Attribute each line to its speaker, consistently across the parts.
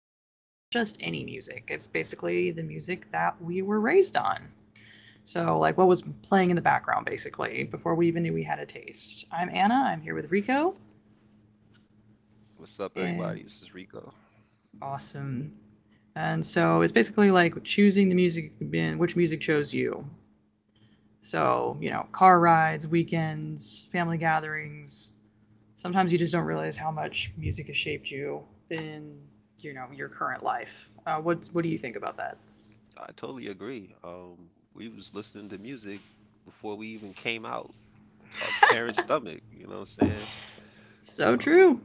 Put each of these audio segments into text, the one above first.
Speaker 1: but not just any music. It's basically the music that we were raised on. So, like what was playing in the background, basically, before we even knew we had a taste. I'm Anna. I'm here with Rico.
Speaker 2: What's up, everybody? This is
Speaker 1: And
Speaker 2: Rico.
Speaker 1: awesome. And so, it's basically like choosing the music, which music chose you. So, you know, car rides, weekends, family gatherings, sometimes you just don't realize how much music has shaped you in your current life. What do you think about that?
Speaker 2: I totally agree. We was listening to music before we even came out our parents' stomach. You know what I'm saying?
Speaker 1: So
Speaker 2: Um,
Speaker 1: true.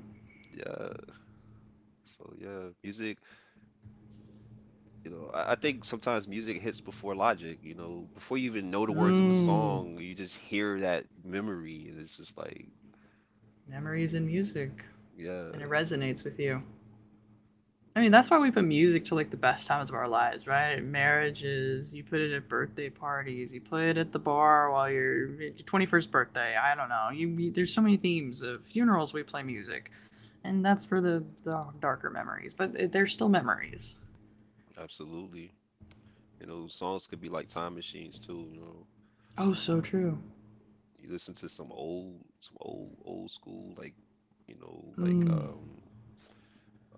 Speaker 2: yeah. So yeah, music. You know, I think sometimes music hits before logic. You know, before you even know the words of a
Speaker 1: Mm,
Speaker 2: song, you just hear that memory, and it's just
Speaker 1: memories and music,
Speaker 2: yeah,
Speaker 1: and it resonates with you. I mean,
Speaker 2: yeah,
Speaker 1: that's why we put music to like the best times of our lives, right? Marriages, you put it at birthday parties, you play it at the bar while you're your 21st birthday. I don't know. You, there's so many themes of funerals we play music. And that's for the darker memories, but they're still memories.
Speaker 2: absolutely. You know, songs could be like time machines too. You know.
Speaker 1: Oh, so
Speaker 2: Um,
Speaker 1: true.
Speaker 2: You listen to some old, old school, like, you know,
Speaker 1: Mm,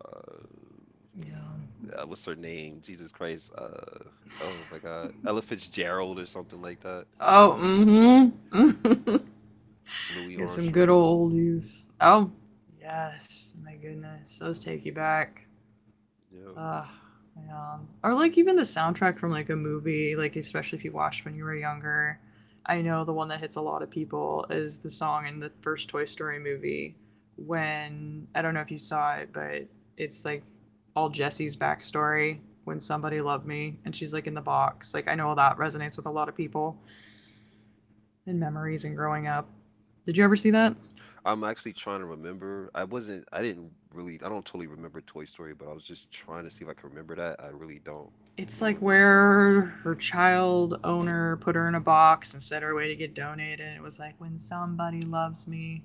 Speaker 2: uh,
Speaker 1: yeah.
Speaker 2: what's her name? Jesus Christ. Oh my God, Ella Fitzgerald or something like that.
Speaker 1: Oh,
Speaker 2: Uh,
Speaker 1: mm-hmm.
Speaker 2: Louis
Speaker 1: Get some good
Speaker 2: Armstrong.
Speaker 1: old oldies. Oh, yes. My goodness, those take you back.
Speaker 2: Yeah.
Speaker 1: Ugh. Yeah. Or like even the soundtrack from like a movie, like especially if you watched when you were younger. I know the one that hits a lot of people is the song in the first Toy Story movie when I don't know if you saw it, but it's like all Jessie's backstory when somebody loved me and she's like in the box. Like I know that resonates with a lot of people, and memories and growing up. Did you ever see that?
Speaker 2: I'm actually trying to remember. I wasn't, I didn't really, I don't totally remember Toy Story, but I was just trying to see if I could remember that. I really don't. I
Speaker 1: It's
Speaker 2: don't
Speaker 1: like
Speaker 2: remember the song.
Speaker 1: where her child owner put her in a box and said her way to get donated. It was like when somebody loves me.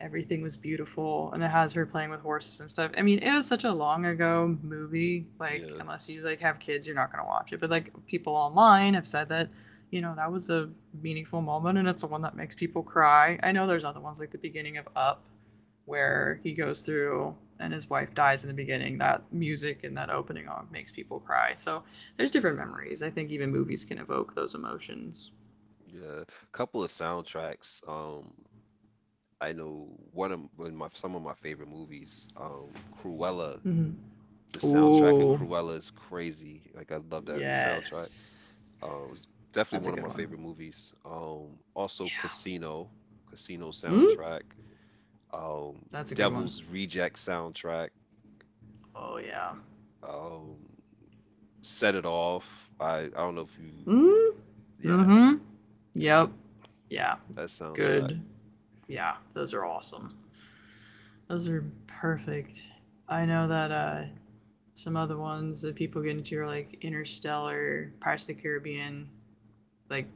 Speaker 1: Everything was beautiful and it has her playing with horses and stuff. I mean it was such a long ago movie, like
Speaker 2: Yeah.
Speaker 1: unless you like have kids you're not going to watch it, but like people online have said that that was a meaningful moment and it's the one that makes people cry. I know there's other ones like the beginning of Up, where he goes through and his wife dies in the beginning, that music and that opening makes people cry. So there's different
Speaker 2: Hmm.
Speaker 1: memories. I think even movies can evoke those emotions.
Speaker 2: Yeah. Couple of soundtracks. I know one of my some of my favorite movies, Cruella.
Speaker 1: Mm-hmm.
Speaker 2: The soundtrack of
Speaker 1: Ooh,
Speaker 2: Cruella is crazy. Like I love that soundtrack.
Speaker 1: yes,
Speaker 2: It was definitely
Speaker 1: that's a
Speaker 2: one of
Speaker 1: good
Speaker 2: my
Speaker 1: one.
Speaker 2: favorite movies. Also Casino, Casino
Speaker 1: Mm?
Speaker 2: soundtrack. Um,
Speaker 1: That's a good one.
Speaker 2: Devil's Reject soundtrack.
Speaker 1: Oh yeah.
Speaker 2: Um, Set It Off. I don't know if you,
Speaker 1: Mm?
Speaker 2: yeah,
Speaker 1: Mm-hmm. Yep. Yeah.
Speaker 2: that soundtrack.
Speaker 1: Good. Yeah. Those are awesome. Those are perfect. I know that some other ones that people get into are like Interstellar, Pirates of the Caribbean. Like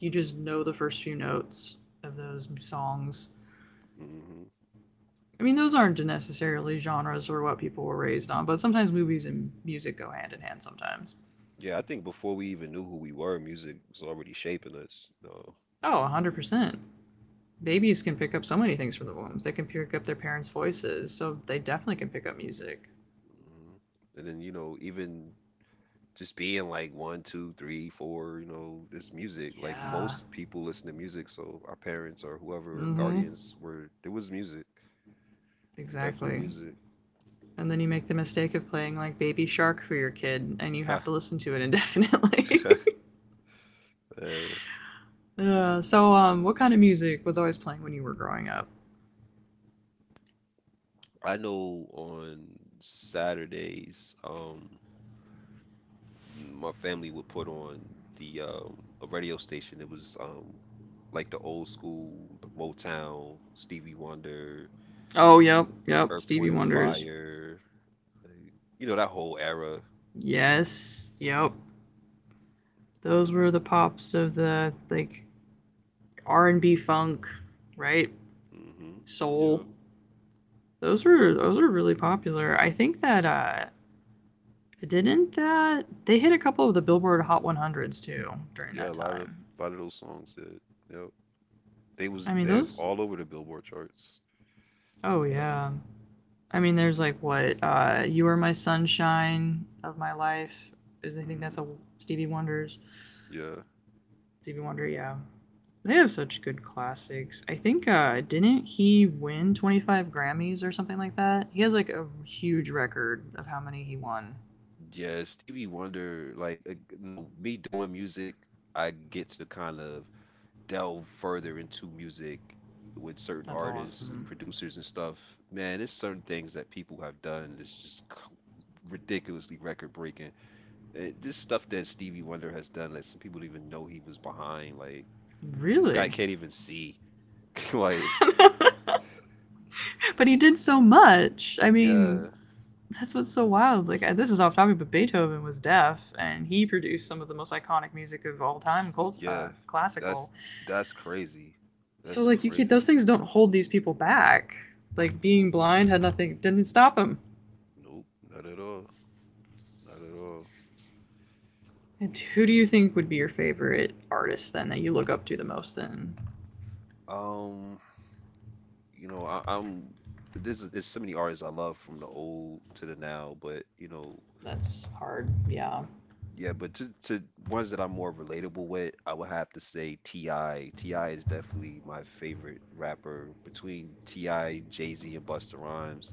Speaker 1: you just know the first few notes of those songs.
Speaker 2: Hmm.
Speaker 1: I mean, those aren't necessarily genres or what people were raised on, but sometimes movies and music go hand in hand sometimes.
Speaker 2: Yeah, I think before we even knew who we were, music was already shaping us. You know?
Speaker 1: Oh, 100%. Babies can pick up so many things from the wombs. They can pick up their parents' voices, so they definitely can pick up music.
Speaker 2: Mhm. And then, you know, even just being like one, two, three, four, you know, it's music. Like
Speaker 1: Yeah.
Speaker 2: most people listen to music, so our parents or whoever
Speaker 1: Mm-hmm.
Speaker 2: guardians were it was music. Definitely
Speaker 1: Exactly.
Speaker 2: music.
Speaker 1: And then you make the mistake of playing like Baby Shark for your kid, and you have to listen to it indefinitely.
Speaker 2: Uh,
Speaker 1: So, what kind of music was always playing when you were growing up?
Speaker 2: I know on Saturdays, my family would put on the a radio station. It was like the old school, the Motown, Stevie Wonder,
Speaker 1: Oh, yep, yep.
Speaker 2: Earth,
Speaker 1: Stevie
Speaker 2: Wind and
Speaker 1: Wonder's.
Speaker 2: Fire, like, you know, that whole era.
Speaker 1: Yes, yep. Those were the pops of the like R and B funk, right?
Speaker 2: Hmm.
Speaker 1: Soul.
Speaker 2: Yep.
Speaker 1: Those
Speaker 2: Yep.
Speaker 1: were those were really popular. I think that didn't that they hit a couple of the Billboard Hot 100s too during
Speaker 2: Yeah,
Speaker 1: that time.
Speaker 2: a lot of those songs that yep. They was
Speaker 1: I mean
Speaker 2: they
Speaker 1: those,
Speaker 2: all over the Billboard charts.
Speaker 1: oh
Speaker 2: Yeah.
Speaker 1: yeah. I mean there's like what You Are My Sunshine of My Life is. I think
Speaker 2: Hmm.
Speaker 1: that's a Stevie Wonder's.
Speaker 2: Yeah.
Speaker 1: Stevie Wonder, yeah. They have such good classics. I think didn't he win 25 Grammys or something like that? He has like a huge record of how many he won.
Speaker 2: Yeah, Stevie Wonder, like you know, me doing music, I get to kind of delve further into music with certain
Speaker 1: That's
Speaker 2: artists and
Speaker 1: awesome.
Speaker 2: producers and stuff. Man, there's certain things that people have done that's just ridiculously record breaking. This stuff that Stevie Wonder has done that some people don't even know he was behind, like this guy
Speaker 1: Really?
Speaker 2: can't even see. Like,
Speaker 1: But he did so much. I mean,
Speaker 2: yeah.
Speaker 1: that's what's so wild. Like I, this is off topic, but Beethoven was deaf, and he produced some of the most iconic music of all time, cult,
Speaker 2: Yeah, that's
Speaker 1: classical.
Speaker 2: that's crazy.
Speaker 1: So
Speaker 2: That's
Speaker 1: like you can, those
Speaker 2: crazy.
Speaker 1: things don't hold these people back. Like being
Speaker 2: Nope,
Speaker 1: blind had nothing, didn't stop him.
Speaker 2: nope, not at all, not at all.
Speaker 1: And who do you think would be your favorite artist then that you look up to the most? Then
Speaker 2: Um, you know, I, I'm. This is it's so many artists I love from the old to the now, but you know,
Speaker 1: that's hard. Yeah.
Speaker 2: yeah, but to ones that I'm more relatable with, I would have to say T.I. T.I. is definitely my favorite rapper between T.I., Jay-Z, and Busta Rhymes.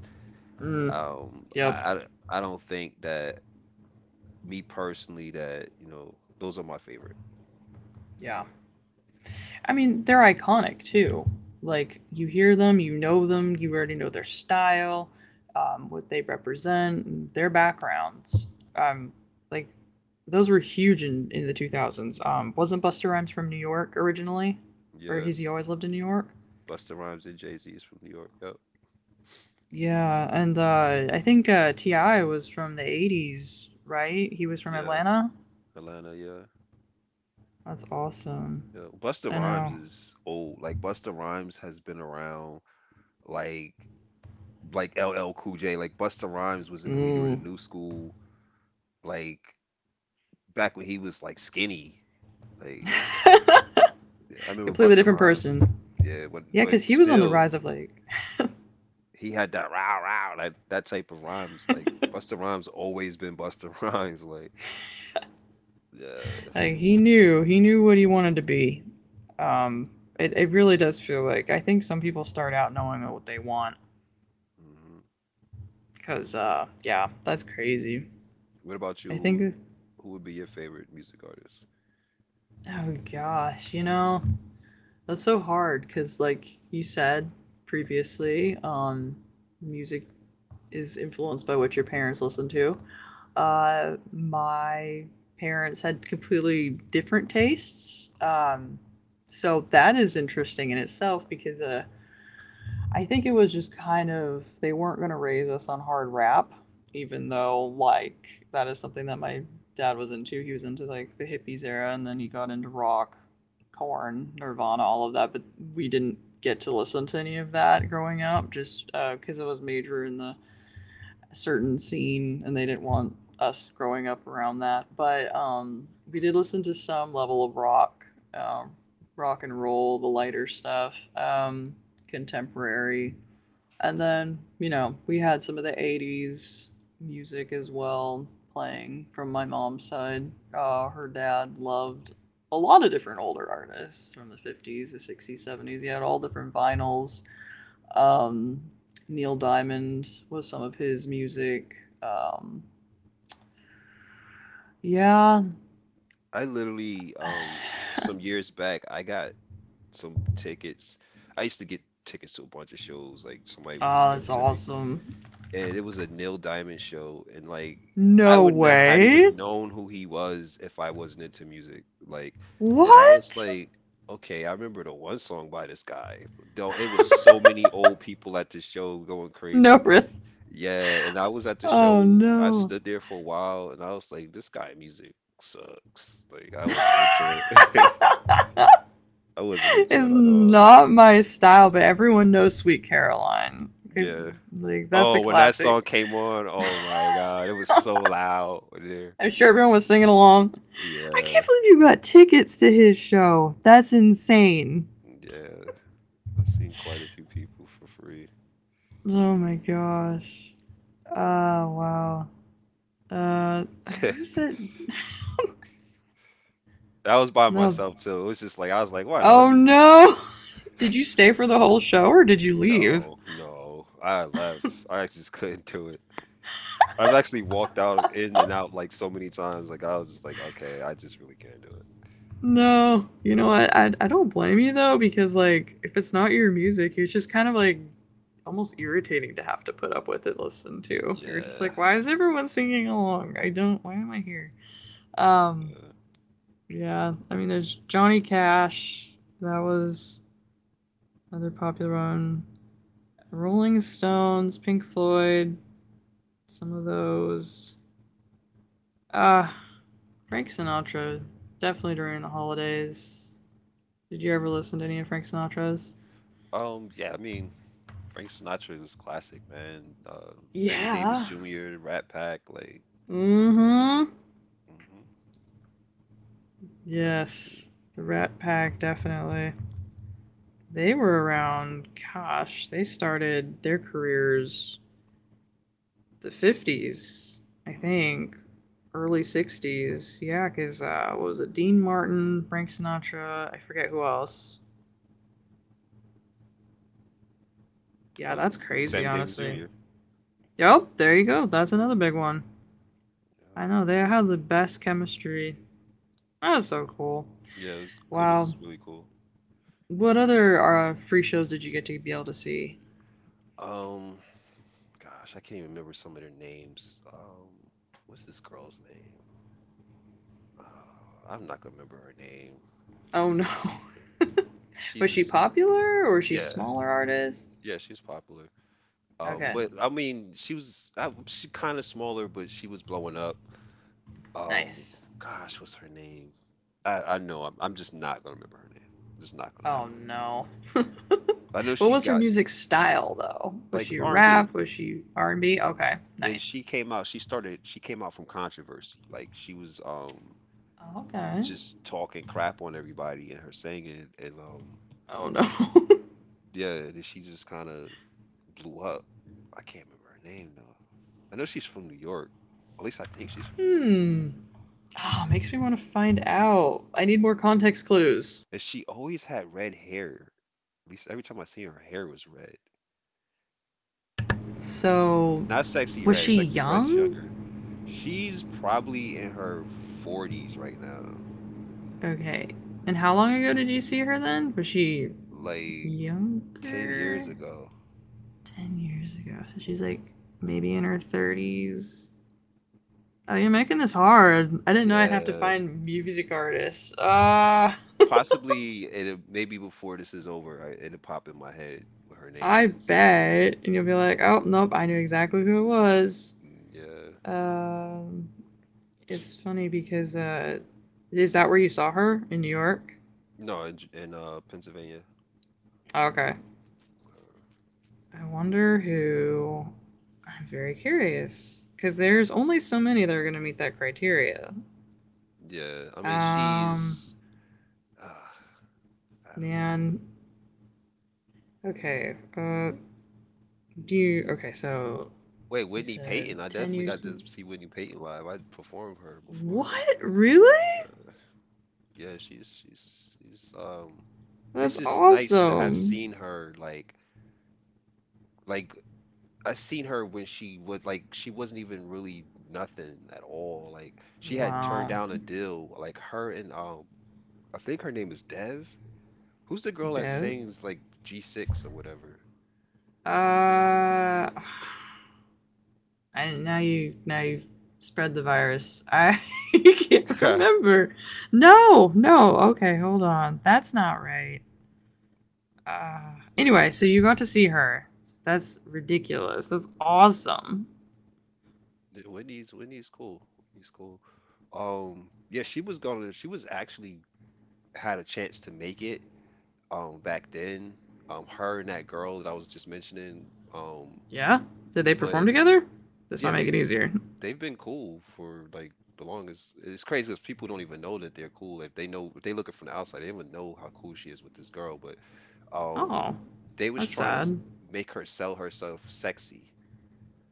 Speaker 1: Mm.
Speaker 2: Um,
Speaker 1: Yep.
Speaker 2: I I don't think that me personally that you know those are my favorite.
Speaker 1: Yeah. I mean, they're iconic too. Like you hear them, you know them, you already know their style, what they represent, their backgrounds. Um, like those were huge in the 2000s. Wasn't Busta Rhymes from New York originally, or
Speaker 2: Yeah,
Speaker 1: has he always lived in New York?
Speaker 2: Busta Rhymes and Jay Z is from New York. Yep.
Speaker 1: Yeah, and I think Ti was from the 80s, right? He was from
Speaker 2: Yeah,
Speaker 1: Atlanta.
Speaker 2: Atlanta. Yeah,
Speaker 1: That's awesome.
Speaker 2: yeah. Busta
Speaker 1: I
Speaker 2: Rhymes
Speaker 1: know.
Speaker 2: is old. Like Busta Rhymes has been around. Like like LL Cool J. Like Busta Rhymes was in the leader of the
Speaker 1: Mm.
Speaker 2: new school. Like back when he was like skinny. Like I remember
Speaker 1: Completely
Speaker 2: Busta
Speaker 1: different
Speaker 2: Rhymes.
Speaker 1: person.
Speaker 2: Yeah, when,
Speaker 1: Yeah,
Speaker 2: but
Speaker 1: because he was on the
Speaker 2: still
Speaker 1: rise of
Speaker 2: he had that rah rah that type of rhymes. Like Busta Rhymes always been Busta Rhymes. Like yeah.
Speaker 1: like he knew what he wanted to be. Um, it it really does feel like I think some people start out knowing what they want.
Speaker 2: Mhm.
Speaker 1: Cause yeah, that's crazy.
Speaker 2: What about you?
Speaker 1: I think that,
Speaker 2: Who would be your favorite music artist?
Speaker 1: oh gosh, you know that's so hard. Cause like you said previously, music is influenced by what your parents listen to. My parents had completely different tastes. So that is interesting in itself because I think it was just kind of, they weren't going to raise us on hard rap, even though, like, that is something that my dad was into. He was into, like, the hippies era and then he got into rock, corn, Nirvana, all of that. But we didn't get to listen to any of that growing up just because I was major in the a certain scene and they didn't want us growing up around that. But we did
Speaker 2: Hmm.
Speaker 1: listen to some level of rock, um, rock and roll, the lighter stuff, contemporary. And then, you know, we had some of the 80s music as well playing from my mom's side. Her dad loved a lot of different older artists from the 50s, the 60s, 70s. He had all different vinyls, um, Neil Diamond was some of his music. Um, yeah.
Speaker 2: I literally, some years back, I got some tickets. I used to get tickets to a bunch of shows. Like somebody would just
Speaker 1: Ah,
Speaker 2: give them
Speaker 1: that's
Speaker 2: to me,
Speaker 1: awesome.
Speaker 2: and it was a Neil Diamond show, and like I
Speaker 1: No
Speaker 2: would not have had
Speaker 1: way.
Speaker 2: even known who he was if I wasn't into music. Like, and I was
Speaker 1: What?
Speaker 2: like, okay, I remember the one song by this guy. Though it was so many old people at the show going
Speaker 1: No,
Speaker 2: crazy.
Speaker 1: really.
Speaker 2: Yeah, and I was at the
Speaker 1: Oh
Speaker 2: show. I
Speaker 1: no.
Speaker 2: stood there for a while and I was like, this guy music sucks. Like I wasn't into it. I wasn't into
Speaker 1: It's
Speaker 2: it at all.
Speaker 1: not my style, but everyone knows Sweet Caroline. Because,
Speaker 2: Yeah.
Speaker 1: like, that's a
Speaker 2: Oh, when that
Speaker 1: classic.
Speaker 2: song came on, oh my God, it was so loud there.
Speaker 1: I'm sure everyone was singing along. I can't
Speaker 2: Yeah.
Speaker 1: believe you got tickets to his show. That's insane.
Speaker 2: Yeah. I've seen quite a few people for free.
Speaker 1: Oh my gosh. Oh wow. Uh, who's it?
Speaker 2: I was by
Speaker 1: No.
Speaker 2: myself too. It was just like I was like, why not? Let
Speaker 1: Oh
Speaker 2: me just
Speaker 1: no. Did you stay for the whole show or did you leave?
Speaker 2: No, no. I left. I just couldn't do it. I've actually walked out in and out like so many times. Like I was just like, okay, I just really can't do it.
Speaker 1: No. You know what? I don't blame you though, because like if it's not your music, you're just kind of like almost irritating to have to put up with and listen to. You're just
Speaker 2: Yeah.
Speaker 1: like, why is everyone singing along? I don't. Why am I here? Um.
Speaker 2: Yeah.
Speaker 1: Yeah. I mean, there's Johnny Cash. That
Speaker 2: Mm.
Speaker 1: was another popular one. Rolling Stones, Pink Floyd, some of those. Uh, Frank Sinatra, definitely during the holidays. Did you ever listen to any of Frank Sinatra's?
Speaker 2: Yeah, I mean, Frank Sinatra was classic, man. Sammy Davis
Speaker 1: Yeah.
Speaker 2: Jr., Rat Pack, like,
Speaker 1: Mm hmm.
Speaker 2: hmm definitely.
Speaker 1: Yes. The Rat Pack, definitely. They were around, gosh, they started their careers the 50s, I
Speaker 2: Hmm.
Speaker 1: think. Early 60s. Yeah, because, what was it? Dean Martin, Frank Sinatra, I forget who else. Yeah, that's crazy,
Speaker 2: Sammy Davis
Speaker 1: honestly.
Speaker 2: Jr.
Speaker 1: Yep, there you go. That's another big one. I
Speaker 2: Yeah.
Speaker 1: know they have the best chemistry. That's so cool.
Speaker 2: Yeah, it
Speaker 1: Wow.
Speaker 2: was really cool.
Speaker 1: What other free shows did you get to be able to see?
Speaker 2: Um, Gosh, I can't even remember some of their names. What's this girl's name? Uh, I'm not gonna remember her name.
Speaker 1: Oh no. Was
Speaker 2: She's
Speaker 1: she
Speaker 2: this,
Speaker 1: popular or was she
Speaker 2: yeah,
Speaker 1: smaller artist?
Speaker 2: yeah, she's popular.
Speaker 1: Okay,
Speaker 2: But I mean, she was I, she kind of smaller, but she was blowing up. Um,
Speaker 1: nice.
Speaker 2: Gosh, what's her name? I know I'm just not gonna remember her name. It's not gonna
Speaker 1: Oh
Speaker 2: happen.
Speaker 1: no.
Speaker 2: I know
Speaker 1: What
Speaker 2: she
Speaker 1: was her
Speaker 2: got
Speaker 1: music style though? Was
Speaker 2: like
Speaker 1: she
Speaker 2: R&B, and B,
Speaker 1: rap? Was she R and B? Okay,
Speaker 2: and she
Speaker 1: nice.
Speaker 2: came out. She started. She came out From controversy. Like she was
Speaker 1: Okay.
Speaker 2: just talking crap on everybody and her singing, and
Speaker 1: Oh no.
Speaker 2: yeah, and then she just kind of blew up. I can't remember her name though. I know she's from New York. At least I think she's from New York.
Speaker 1: Hmm. Oh, makes me want to find out. I need more context clues.
Speaker 2: And she always had red hair. At least every time I see her, her hair was red.
Speaker 1: So,
Speaker 2: Not sexy
Speaker 1: was
Speaker 2: red.
Speaker 1: she
Speaker 2: Sexy red is
Speaker 1: young?
Speaker 2: younger. She's probably in her 40s right now,
Speaker 1: Okay. And how long ago did you see her then? Was she
Speaker 2: like 10 years
Speaker 1: younger?
Speaker 2: ago.
Speaker 1: 10 years ago. So she's like maybe in her 30s. Oh, you're making this hard. I didn't know I'd have to
Speaker 2: Yeah.
Speaker 1: find music artists.
Speaker 2: Maybe before this is over, it'll pop in my head what her name
Speaker 1: I
Speaker 2: is.
Speaker 1: bet. And you'll be like, oh, nope, I knew exactly who it was.
Speaker 2: Mm, yeah.
Speaker 1: Um, It's funny because is that where you saw her in New York?
Speaker 2: No, in Pennsylvania.
Speaker 1: Okay.
Speaker 2: Uh,
Speaker 1: I wonder who. I'm very curious because there's only so many that are going to meet that criteria.
Speaker 2: yeah. I mean,
Speaker 1: Um,
Speaker 2: she's. Uh, I don't know.
Speaker 1: and okay. Do you okay? So
Speaker 2: Wait,
Speaker 1: you
Speaker 2: Whitney
Speaker 1: said
Speaker 2: Payton. I
Speaker 1: ten
Speaker 2: definitely
Speaker 1: years.
Speaker 2: got to
Speaker 1: You
Speaker 2: see Whitney Payton live. I performed her before.
Speaker 1: what? Really?
Speaker 2: Yeah, she's it's
Speaker 1: That's
Speaker 2: just nice to have
Speaker 1: awesome.
Speaker 2: seen her like I seen her when she was like she wasn't even really nothing at all. Like she had turned
Speaker 1: Wow.
Speaker 2: down a deal. Like her and I think her name is Dev. Who's the girl that
Speaker 1: Dope.
Speaker 2: sings like G6 or whatever?
Speaker 1: Uh. And now you, now you've spread the virus. I can't remember. No, no. Okay, hold on. That's not right. Anyway, so you got to see her. That's ridiculous. That's awesome.
Speaker 2: Yeah, Whitney's cool. Whitney's cool. Yeah, she was actually had a chance to make it back then. Her and that girl that I was just mentioning.
Speaker 1: Yeah. Did they perform
Speaker 2: But
Speaker 1: together? This might
Speaker 2: Yeah,
Speaker 1: make
Speaker 2: they
Speaker 1: it easier.
Speaker 2: they've been cool for like the longest. It's crazy because people don't even know that they're cool. If they look it from the outside, they don't even know how cool she is with this girl. But um,
Speaker 1: Oh,
Speaker 2: they was
Speaker 1: that's
Speaker 2: trying to
Speaker 1: sad.
Speaker 2: make her sell herself sexy.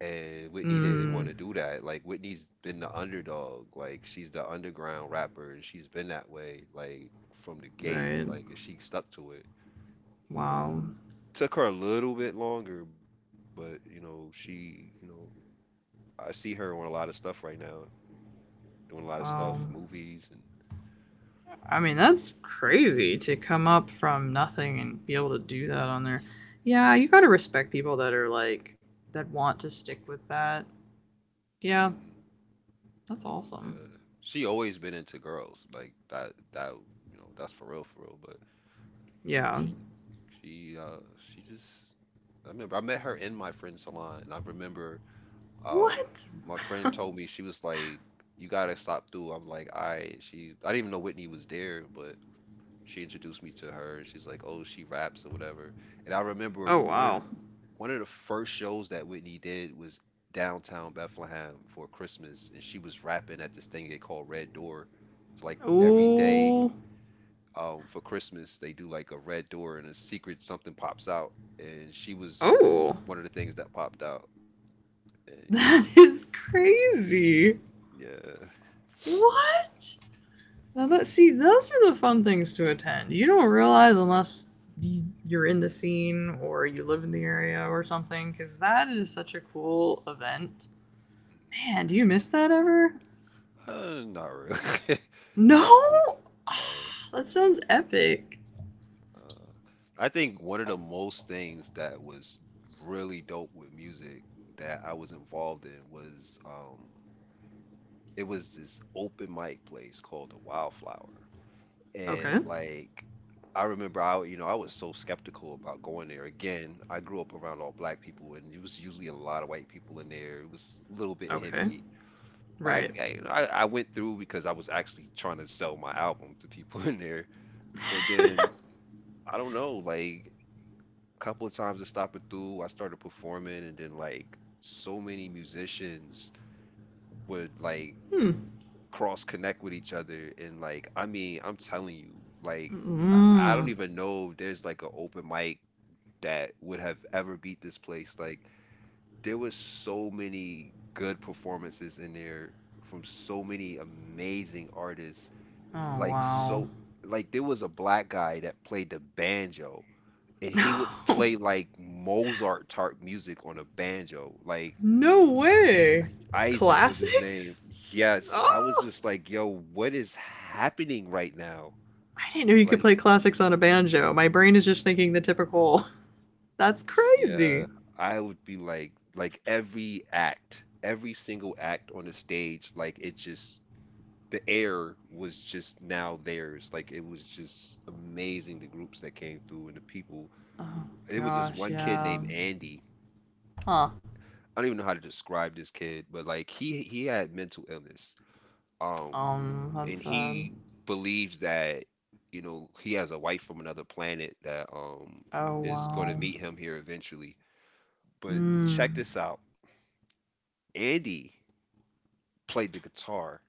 Speaker 2: And Whitney didn't want
Speaker 1: Mm,
Speaker 2: to do that. Like Whitney's been the underdog. Like she's the underground rapper, and she's been that way, like from the gate.
Speaker 1: right.
Speaker 2: Like and she stuck to it.
Speaker 1: Wow.
Speaker 2: Took her a little bit longer, but you know, I see her on a lot of stuff right now, doing a lot of stuff,
Speaker 1: Wow.
Speaker 2: movies and
Speaker 1: I mean,
Speaker 2: Oh,
Speaker 1: that's crazy to come up from nothing and be able to do that on there. Yeah, you gotta respect people that are like, that want to stick with that. Yeah,
Speaker 2: hmm
Speaker 1: that's awesome.
Speaker 2: uh, she always been into girls, like that that you know, that's for real, but
Speaker 1: Yeah.
Speaker 2: she she uh she just I remember I met her in my friend's salon and I remember um
Speaker 1: What?
Speaker 2: my friend told me she was like you gotta stop through. I'm like, all right, she I didn't even know Whitney was there, but. She introduced me to her. She's like, "Oh, she raps or whatever." And I remember
Speaker 1: Oh, wow.
Speaker 2: one of the first shows that Whitney did was downtown Bethlehem for Christmas, and she was rapping at this thing they call Red Door. So like every day
Speaker 1: Oh.
Speaker 2: for Christmas, they do like a red door and a secret something pops out, and she was
Speaker 1: Oh.
Speaker 2: one of the things that popped out. And you know,
Speaker 1: That is crazy.
Speaker 2: yeah,
Speaker 1: What? Now that see, those are the fun things to attend. You don't realize unless you're in the scene or you live in the area or something, because that is such a cool event.
Speaker 2: mm,
Speaker 1: Man, do you miss that ever?
Speaker 2: not really,
Speaker 1: No?
Speaker 2: not really, no.
Speaker 1: Oh, that sounds epic.
Speaker 2: Uh, I think one of the most things that was really dope with music that I was involved in was it was this open mic place called the Wildflower.
Speaker 1: Okay.
Speaker 2: And like I remember I you know I was so skeptical about going there. Again, I grew up around all black people and it was usually a lot of white people in there. It was a little bit
Speaker 1: Okay.
Speaker 2: hippie.
Speaker 1: Right.
Speaker 2: You know, I went through because I was actually trying to sell my album to people in there. But then I don't know, like couple of times of stopping through, I started performing, and then like so many musicians would like
Speaker 1: Hmm.
Speaker 2: cross connect with each other, and like I mean, I'm telling you, like I, I don't
Speaker 1: Mm.
Speaker 2: even know if there's like an open mic that would have ever beat this place. Like there was so many good performances in there from so many amazing artists.
Speaker 1: Oh,
Speaker 2: Like so,
Speaker 1: wow.
Speaker 2: like there was a black guy that played the banjo and he would play like Mozart type music on a banjo. Like
Speaker 1: No way.
Speaker 2: Isaac was his name.
Speaker 1: Classics?
Speaker 2: Yes, I was
Speaker 1: Oh,
Speaker 2: just like, yo, what is happening right now?
Speaker 1: I didn't know you could
Speaker 2: Like,
Speaker 1: play classics on a banjo. My brain is just thinking the typical. That's
Speaker 2: yeah,
Speaker 1: crazy.
Speaker 2: I would be like every act, every single act on the stage, like it just, the air was just now theirs. Like it was just amazing the groups that came through and the people.
Speaker 1: Oh,
Speaker 2: It was this
Speaker 1: gosh,
Speaker 2: one kid
Speaker 1: yeah.
Speaker 2: named Andy.
Speaker 1: Huh.
Speaker 2: I don't even know how to describe this kid, but like he had mental illness. Um,
Speaker 1: That's
Speaker 2: and
Speaker 1: sad.
Speaker 2: he believes that, you know, he has a wife from another planet that
Speaker 1: Oh,
Speaker 2: is going to
Speaker 1: wow.
Speaker 2: meet him here eventually. But check
Speaker 1: Hmm.
Speaker 2: this out. Andy played the guitar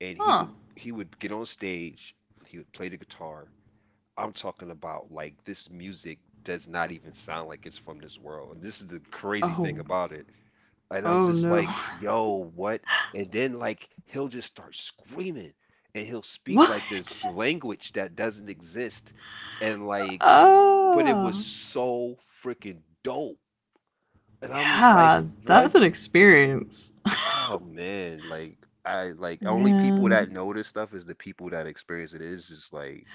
Speaker 2: and he
Speaker 1: Huh.
Speaker 2: would he would get on stage, he would play the guitar. I'm talking about like this music does not even sound like it's from this world. And this is the crazy thing
Speaker 1: Oh.
Speaker 2: about it. And I'm
Speaker 1: Oh,
Speaker 2: just
Speaker 1: no.
Speaker 2: like, yo, what? And then like he'll just start screaming and he'll speak like this
Speaker 1: What?
Speaker 2: language that doesn't exist. And like, but it was
Speaker 1: Oh.
Speaker 2: so freaking dope. And I'm just
Speaker 1: Yeah,
Speaker 2: like,
Speaker 1: that's
Speaker 2: what?
Speaker 1: an experience.
Speaker 2: Oh man, like I like only people that
Speaker 1: And
Speaker 2: know this stuff is the people that experience it. It's just like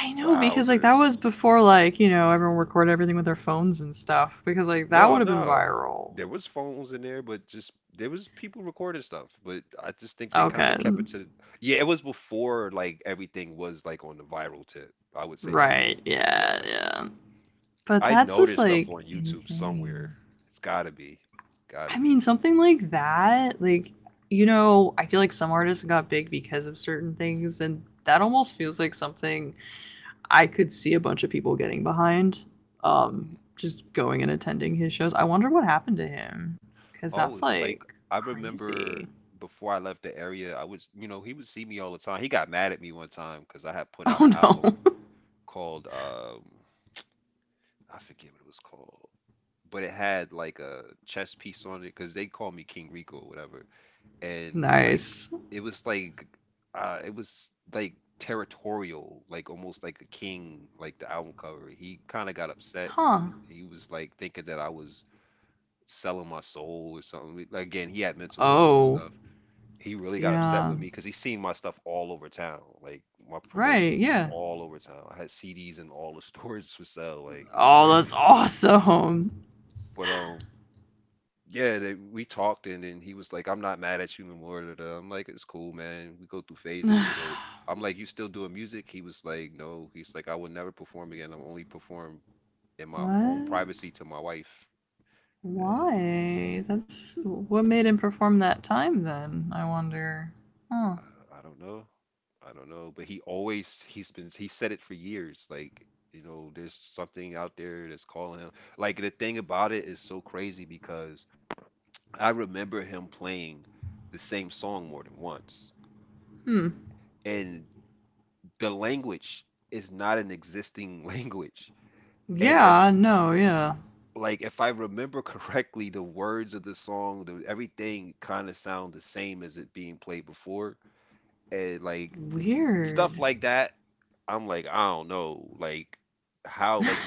Speaker 1: I know because like that
Speaker 2: wowzers.
Speaker 1: was before, like, everyone recorded everything with their phones and stuff because like that
Speaker 2: No,
Speaker 1: would have been
Speaker 2: no.
Speaker 1: viral.
Speaker 2: There was phones in there, but just there was people recording stuff. But I just think they kind
Speaker 1: Okay.
Speaker 2: of kept it to the, yeah, it was before like everything was like on the viral tip. I would say that.
Speaker 1: Right. Yeah,
Speaker 2: Yeah.
Speaker 1: yeah. But
Speaker 2: I
Speaker 1: that's
Speaker 2: know
Speaker 1: just
Speaker 2: there's stuff
Speaker 1: like
Speaker 2: on YouTube somewhere.
Speaker 1: insane.
Speaker 2: It's gotta be.
Speaker 1: I
Speaker 2: Gotta
Speaker 1: mean,
Speaker 2: be.
Speaker 1: something like that, like, I feel like some artists got big because of certain things, and that almost feels like something I could see a bunch of people getting behind,
Speaker 2: Hmm.
Speaker 1: just going and attending his shows. I wonder what happened to him because that's
Speaker 2: Oh, like
Speaker 1: like
Speaker 2: I
Speaker 1: crazy.
Speaker 2: remember before I left the area, I was, you know, he would see me all the time. He got mad at me one time because I had put out an
Speaker 1: Oh
Speaker 2: album
Speaker 1: no.
Speaker 2: called I forget what it was called, but it had like a chess piece on it because they call me King Rico or whatever. And like
Speaker 1: Nice.
Speaker 2: it was like it was like territorial, like almost like a king, like the album cover. He kind of got upset.
Speaker 1: Huh.
Speaker 2: He was like thinking that I was selling my soul or something. Like, again, he had mental illness and
Speaker 1: Oh,
Speaker 2: stuff. He really got upset
Speaker 1: yeah.
Speaker 2: with me because he seen my stuff all over town. Like my
Speaker 1: Right,
Speaker 2: promotion was
Speaker 1: yeah.
Speaker 2: all over town. I had CDs in all the stores for sale. Like it was
Speaker 1: Oh, that's
Speaker 2: crazy.
Speaker 1: awesome.
Speaker 2: But yeah, they, we talked and then he was like, "I'm not mad at you no more, da, da." I'm like, "It's cool, man. We go through
Speaker 1: What?
Speaker 2: phases." But I'm like, "You still doing music?" He was like, "No." He's like, "I will never perform again. I'll only perform in my own privacy to my wife." Eh,
Speaker 1: Why? That's what made him perform that time then, I wonder. Huh.
Speaker 2: I don't know. I don't know. But he always he's been he said it for years. Like, you know, there's something out there that's calling him. Like the thing about it is so crazy because I remember him playing the same song more than once.
Speaker 1: Hmm.
Speaker 2: And the language is not an existing language. And if
Speaker 1: Yeah, no, yeah.
Speaker 2: like if I remember correctly, the words of the song, the, everything kind of sound the same as it being played before. And like stuff
Speaker 1: Weird.
Speaker 2: like that, I'm like, I don't know, like how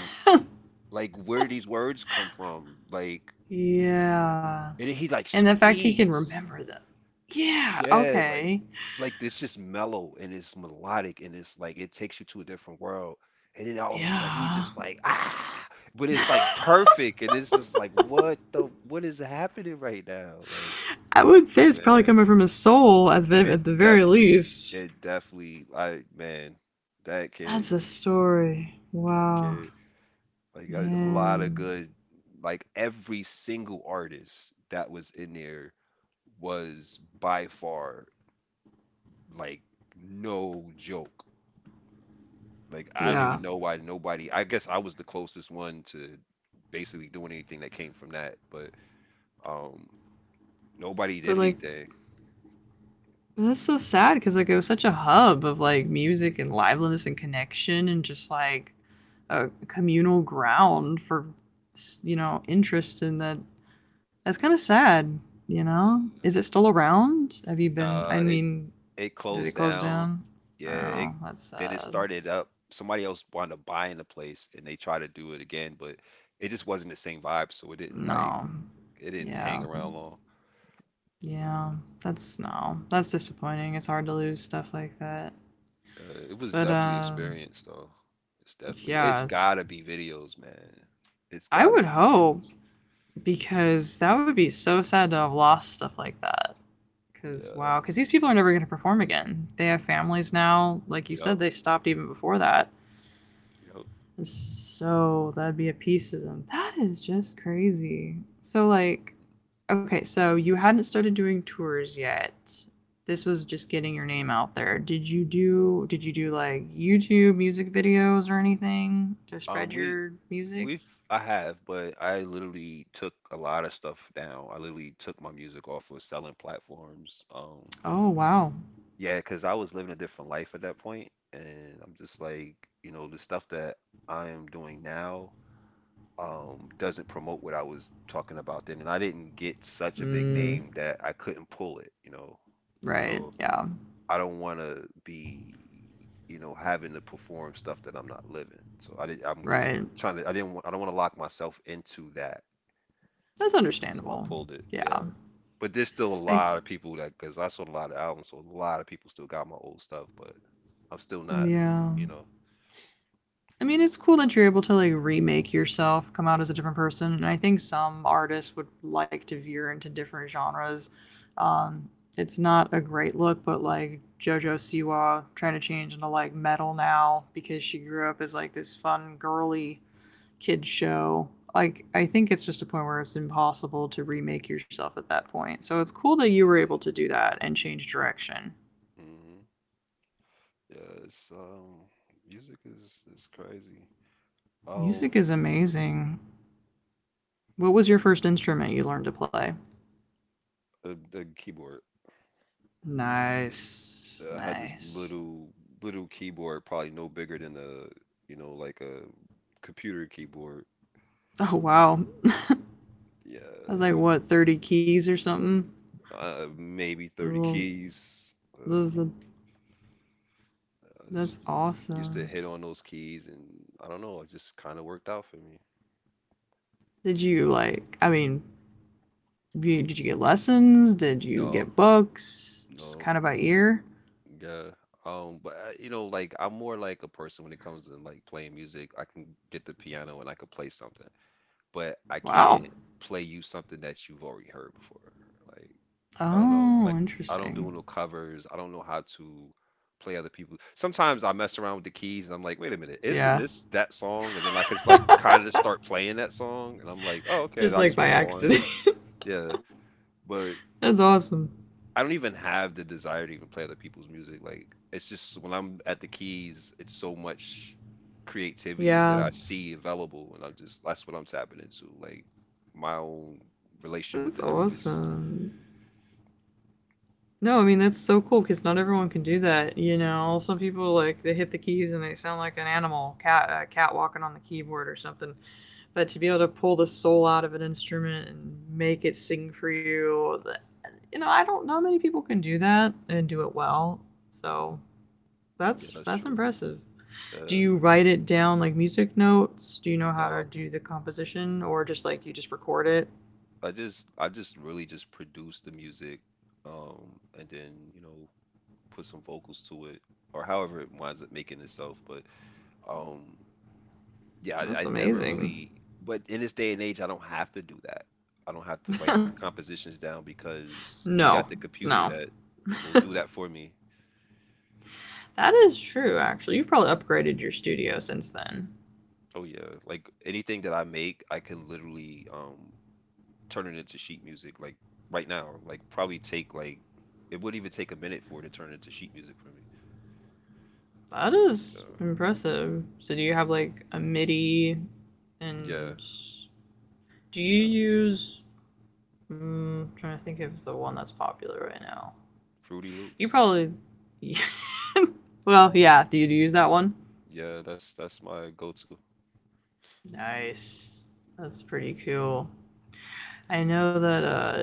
Speaker 2: like where do these words come from? Like
Speaker 1: Yeah.
Speaker 2: and then he like
Speaker 1: And the fact he can
Speaker 2: screams.
Speaker 1: remember them. Yeah,
Speaker 2: Yeah,
Speaker 1: okay.
Speaker 2: like this just mellow and it's melodic and it's like it takes you to a different world. And then all of a sudden he's just
Speaker 1: Yeah.
Speaker 2: like ah, but it's like perfect and it's just like what the what is happening right now? Like
Speaker 1: I would say it's probably
Speaker 2: man,
Speaker 1: coming from his soul
Speaker 2: it
Speaker 1: at the very
Speaker 2: definitely
Speaker 1: least.
Speaker 2: it definitely, I man, that
Speaker 1: That's
Speaker 2: kid,
Speaker 1: a story.
Speaker 2: that
Speaker 1: Wow.
Speaker 2: kid like a lot of
Speaker 1: Man.
Speaker 2: good like every single artist that was in there was by far like no joke. Like I don't
Speaker 1: Yeah.
Speaker 2: even know why nobody. I guess I was the closest one to basically doing anything that came from that, but um, nobody
Speaker 1: But
Speaker 2: did
Speaker 1: like,
Speaker 2: anything.
Speaker 1: that's so sad because like it was such a hub of like music and liveliness and connection and just like a communal ground for interest in that. That's kind of sad, you know? Is it still around? Have you been, I
Speaker 2: Nah, it
Speaker 1: mean,
Speaker 2: it
Speaker 1: did it
Speaker 2: closed
Speaker 1: close
Speaker 2: down.
Speaker 1: down?
Speaker 2: Yeah, it
Speaker 1: No, that's
Speaker 2: then it
Speaker 1: sad.
Speaker 2: started up. Somebody else wanted to buy in the place, and they tried to do it again, but it just wasn't the same vibe. So it didn't like
Speaker 1: No.
Speaker 2: it didn't hang
Speaker 1: Yeah.
Speaker 2: around long.
Speaker 1: Yeah. That's, no. That's disappointing. It's hard to lose stuff like that.
Speaker 2: It was
Speaker 1: But,
Speaker 2: definitely experience though. It's definitely it's
Speaker 1: yeah.
Speaker 2: gotta be videos, man. It's
Speaker 1: I
Speaker 2: gotta
Speaker 1: would
Speaker 2: be
Speaker 1: hope
Speaker 2: videos.
Speaker 1: because that would be so sad to have lost stuff like that. Because, wow,
Speaker 2: Yeah.
Speaker 1: because these people are never going to perform again. They have families now. Like you said,
Speaker 2: Yup.
Speaker 1: they stopped even before that.
Speaker 2: Yup.
Speaker 1: And so that'd be a piece of them. That is just crazy. So like, okay, so you hadn't started doing tours yet. This was just getting your name out there. Did you do like YouTube music videos or anything to spread
Speaker 2: We
Speaker 1: your music?
Speaker 2: we've I have, but I literally took a lot of stuff down. I literally took my music off of selling platforms.
Speaker 1: Oh wow.
Speaker 2: Yeah, because I was living a different life at that point, and I'm just like, you know, the stuff that I am doing now doesn't promote what I was talking about then, and I didn't get such a big
Speaker 1: Mm,
Speaker 2: name that I couldn't pull it, you know.
Speaker 1: right.
Speaker 2: So
Speaker 1: Yeah.
Speaker 2: I don't want to be, you know, having to perform stuff that I'm not living. So I did, I'm just
Speaker 1: Right.
Speaker 2: trying to. I didn't. I don't want to lock myself into that.
Speaker 1: That's
Speaker 2: So I
Speaker 1: understandable.
Speaker 2: pulled it.
Speaker 1: Yeah.
Speaker 2: Yeah. But there's still
Speaker 1: I
Speaker 2: a
Speaker 1: th-
Speaker 2: lot of people that because I sold a lot of albums, so a lot of people still got my old stuff, but I'm still not.
Speaker 1: yeah.
Speaker 2: You know.
Speaker 1: I mean, it's cool that you're able to like remake yourself, come out as a different person, and I think some artists would like to veer into different genres. Um, it's not a great look, but like JoJo Siwa trying to change into like metal now because she grew up as like this fun girly kid show. Like I think it's just a point where it's impossible to remake yourself at that point. So it's cool that you were able to do that and change direction.
Speaker 2: Mm-hmm. Yeah. It's music is crazy. Um,
Speaker 1: Music is amazing. What was your first instrument you learned to play?
Speaker 2: the keyboard.
Speaker 1: Nice.
Speaker 2: I had this
Speaker 1: Nice.
Speaker 2: little keyboard, probably no bigger than a, you know, like a computer keyboard.
Speaker 1: Oh wow. That's
Speaker 2: Yeah,
Speaker 1: like what, 30 keys or something?
Speaker 2: maybe 30
Speaker 1: Oh,
Speaker 2: keys. But
Speaker 1: that's, a-
Speaker 2: I just
Speaker 1: that's
Speaker 2: used to
Speaker 1: awesome.
Speaker 2: hit on those keys, and I don't know, it just kind of worked out for me.
Speaker 1: Did you like I mean, did you get lessons? Did you
Speaker 2: No,
Speaker 1: get books? Just
Speaker 2: no,
Speaker 1: kind of by ear?
Speaker 2: yeah. But I, you know, like I'm more like a person when it comes to like playing music. I can get the piano and I can play something, but I
Speaker 1: Wow.
Speaker 2: can't play you something that you've already heard before. Like I don't know.
Speaker 1: Oh,
Speaker 2: Like I don't
Speaker 1: interesting.
Speaker 2: do no covers. I don't know how to play other people. Sometimes I mess around with the keys and I'm like, wait a minute, isn't
Speaker 1: Yeah.
Speaker 2: this that song? And then I just like kind of start playing that song and I'm like, oh okay, and
Speaker 1: Just
Speaker 2: I
Speaker 1: like
Speaker 2: just
Speaker 1: by
Speaker 2: move on.
Speaker 1: accident.
Speaker 2: Yeah, but
Speaker 1: That's awesome.
Speaker 2: I don't even have the desire to even play other people's music. Like it's just when I'm at the keys, it's so much creativity that
Speaker 1: Yeah.
Speaker 2: I see available, and I'm just that's what I'm tapping into. Like my own relation
Speaker 1: That's
Speaker 2: with the newness.
Speaker 1: awesome. No, I mean that's so cool because not everyone can do that. You know, some people like they hit the keys and they sound like an animal, cat, cat walking on the keyboard or something. But to be able to pull the soul out of an instrument and make it sing for you, you know, I don't. Not many people can do that and do it well. So
Speaker 2: Yeah,
Speaker 1: that's
Speaker 2: that's
Speaker 1: that's
Speaker 2: true.
Speaker 1: impressive. Do
Speaker 2: Uh,
Speaker 1: you write it down like music notes? Do you know how to
Speaker 2: no,
Speaker 1: do the composition or just like you just record it?
Speaker 2: I just really just produce the music, and then, you know, put some vocals to it or however it winds up making itself. But um yeah, I,
Speaker 1: That's
Speaker 2: I never
Speaker 1: amazing.
Speaker 2: really but in this day and age I don't have to do that. I don't have to write the compositions down because we
Speaker 1: No,
Speaker 2: got the computer
Speaker 1: no,
Speaker 2: that will do that for me.
Speaker 1: That is true, actually. You've probably upgraded your studio since then.
Speaker 2: Oh yeah, like anything that I make, I can literally turn it into sheet music like right now. Like probably take like it wouldn't even take a minute for it to turn into sheet music for me.
Speaker 1: That
Speaker 2: So
Speaker 1: is
Speaker 2: yeah,
Speaker 1: impressive. So, do you have like a MIDI
Speaker 2: yeah,
Speaker 1: and do you
Speaker 2: yeah.
Speaker 1: use. Mm, I'm trying to think of the one that's popular right now.
Speaker 2: Fruity
Speaker 1: You
Speaker 2: Loops.
Speaker 1: probably. Well, yeah. Do you use that one?
Speaker 2: Yeah, that's my go-to.
Speaker 1: Nice. That's pretty cool. I know that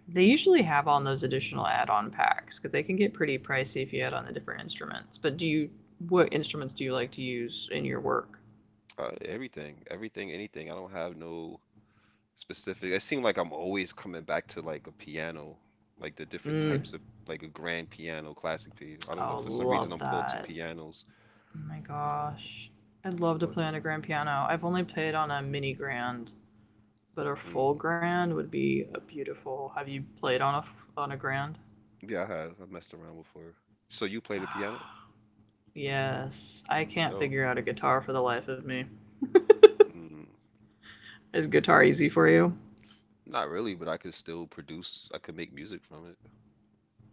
Speaker 1: they usually have on those additional add-on packs because they can get pretty pricey if you add on the different instruments. But do you what instruments do you like to use in your work?
Speaker 2: Everything, everything, anything. I don't have no specific. It seems like I'm always coming back to like a piano, like the different
Speaker 1: Mm,
Speaker 2: types of like a grand piano, classic piano. I don't know.
Speaker 1: oh,
Speaker 2: For some reason,
Speaker 1: love
Speaker 2: I'm pulled to
Speaker 1: that.
Speaker 2: pianos.
Speaker 1: Oh my
Speaker 2: Um,
Speaker 1: gosh. I'd love to
Speaker 2: but
Speaker 1: play on a grand piano. I've only played on a mini grand, but a full
Speaker 2: Mm,
Speaker 1: grand would be a beautiful. Have you played on a grand?
Speaker 2: yeah, I have. I messed around before. So you play the piano?
Speaker 1: Ah, yes. I can't
Speaker 2: Dope.
Speaker 1: figure out a guitar for the life of me.
Speaker 2: Mm,
Speaker 1: Is guitar easy for you?
Speaker 2: not really, but I could still produce. I could make music from it.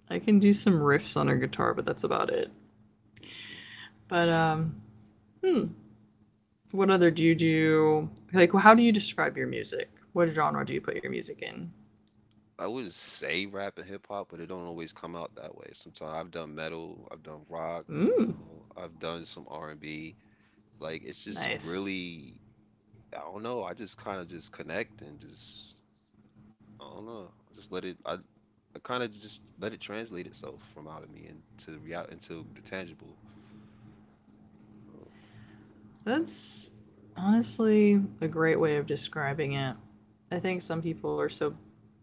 Speaker 1: I can do some riffs on a guitar, but that's about it.
Speaker 2: Mm-hmm.
Speaker 1: But hmm, what other do you do? Like, how do you describe your music? What genre do you put your music in?
Speaker 2: I would say rap and hip hop, but it don't always come out that way. Sometimes I've done metal, I've done rock, you
Speaker 1: Mm,
Speaker 2: know, I've done some R&B. Like it's just
Speaker 1: nice.
Speaker 2: really, I don't know. I just kind of just connect and just, I don't know. I kind of just let it translate itself from out of me into real into the tangible. So,
Speaker 1: That's honestly a great way of describing it. I think some people are so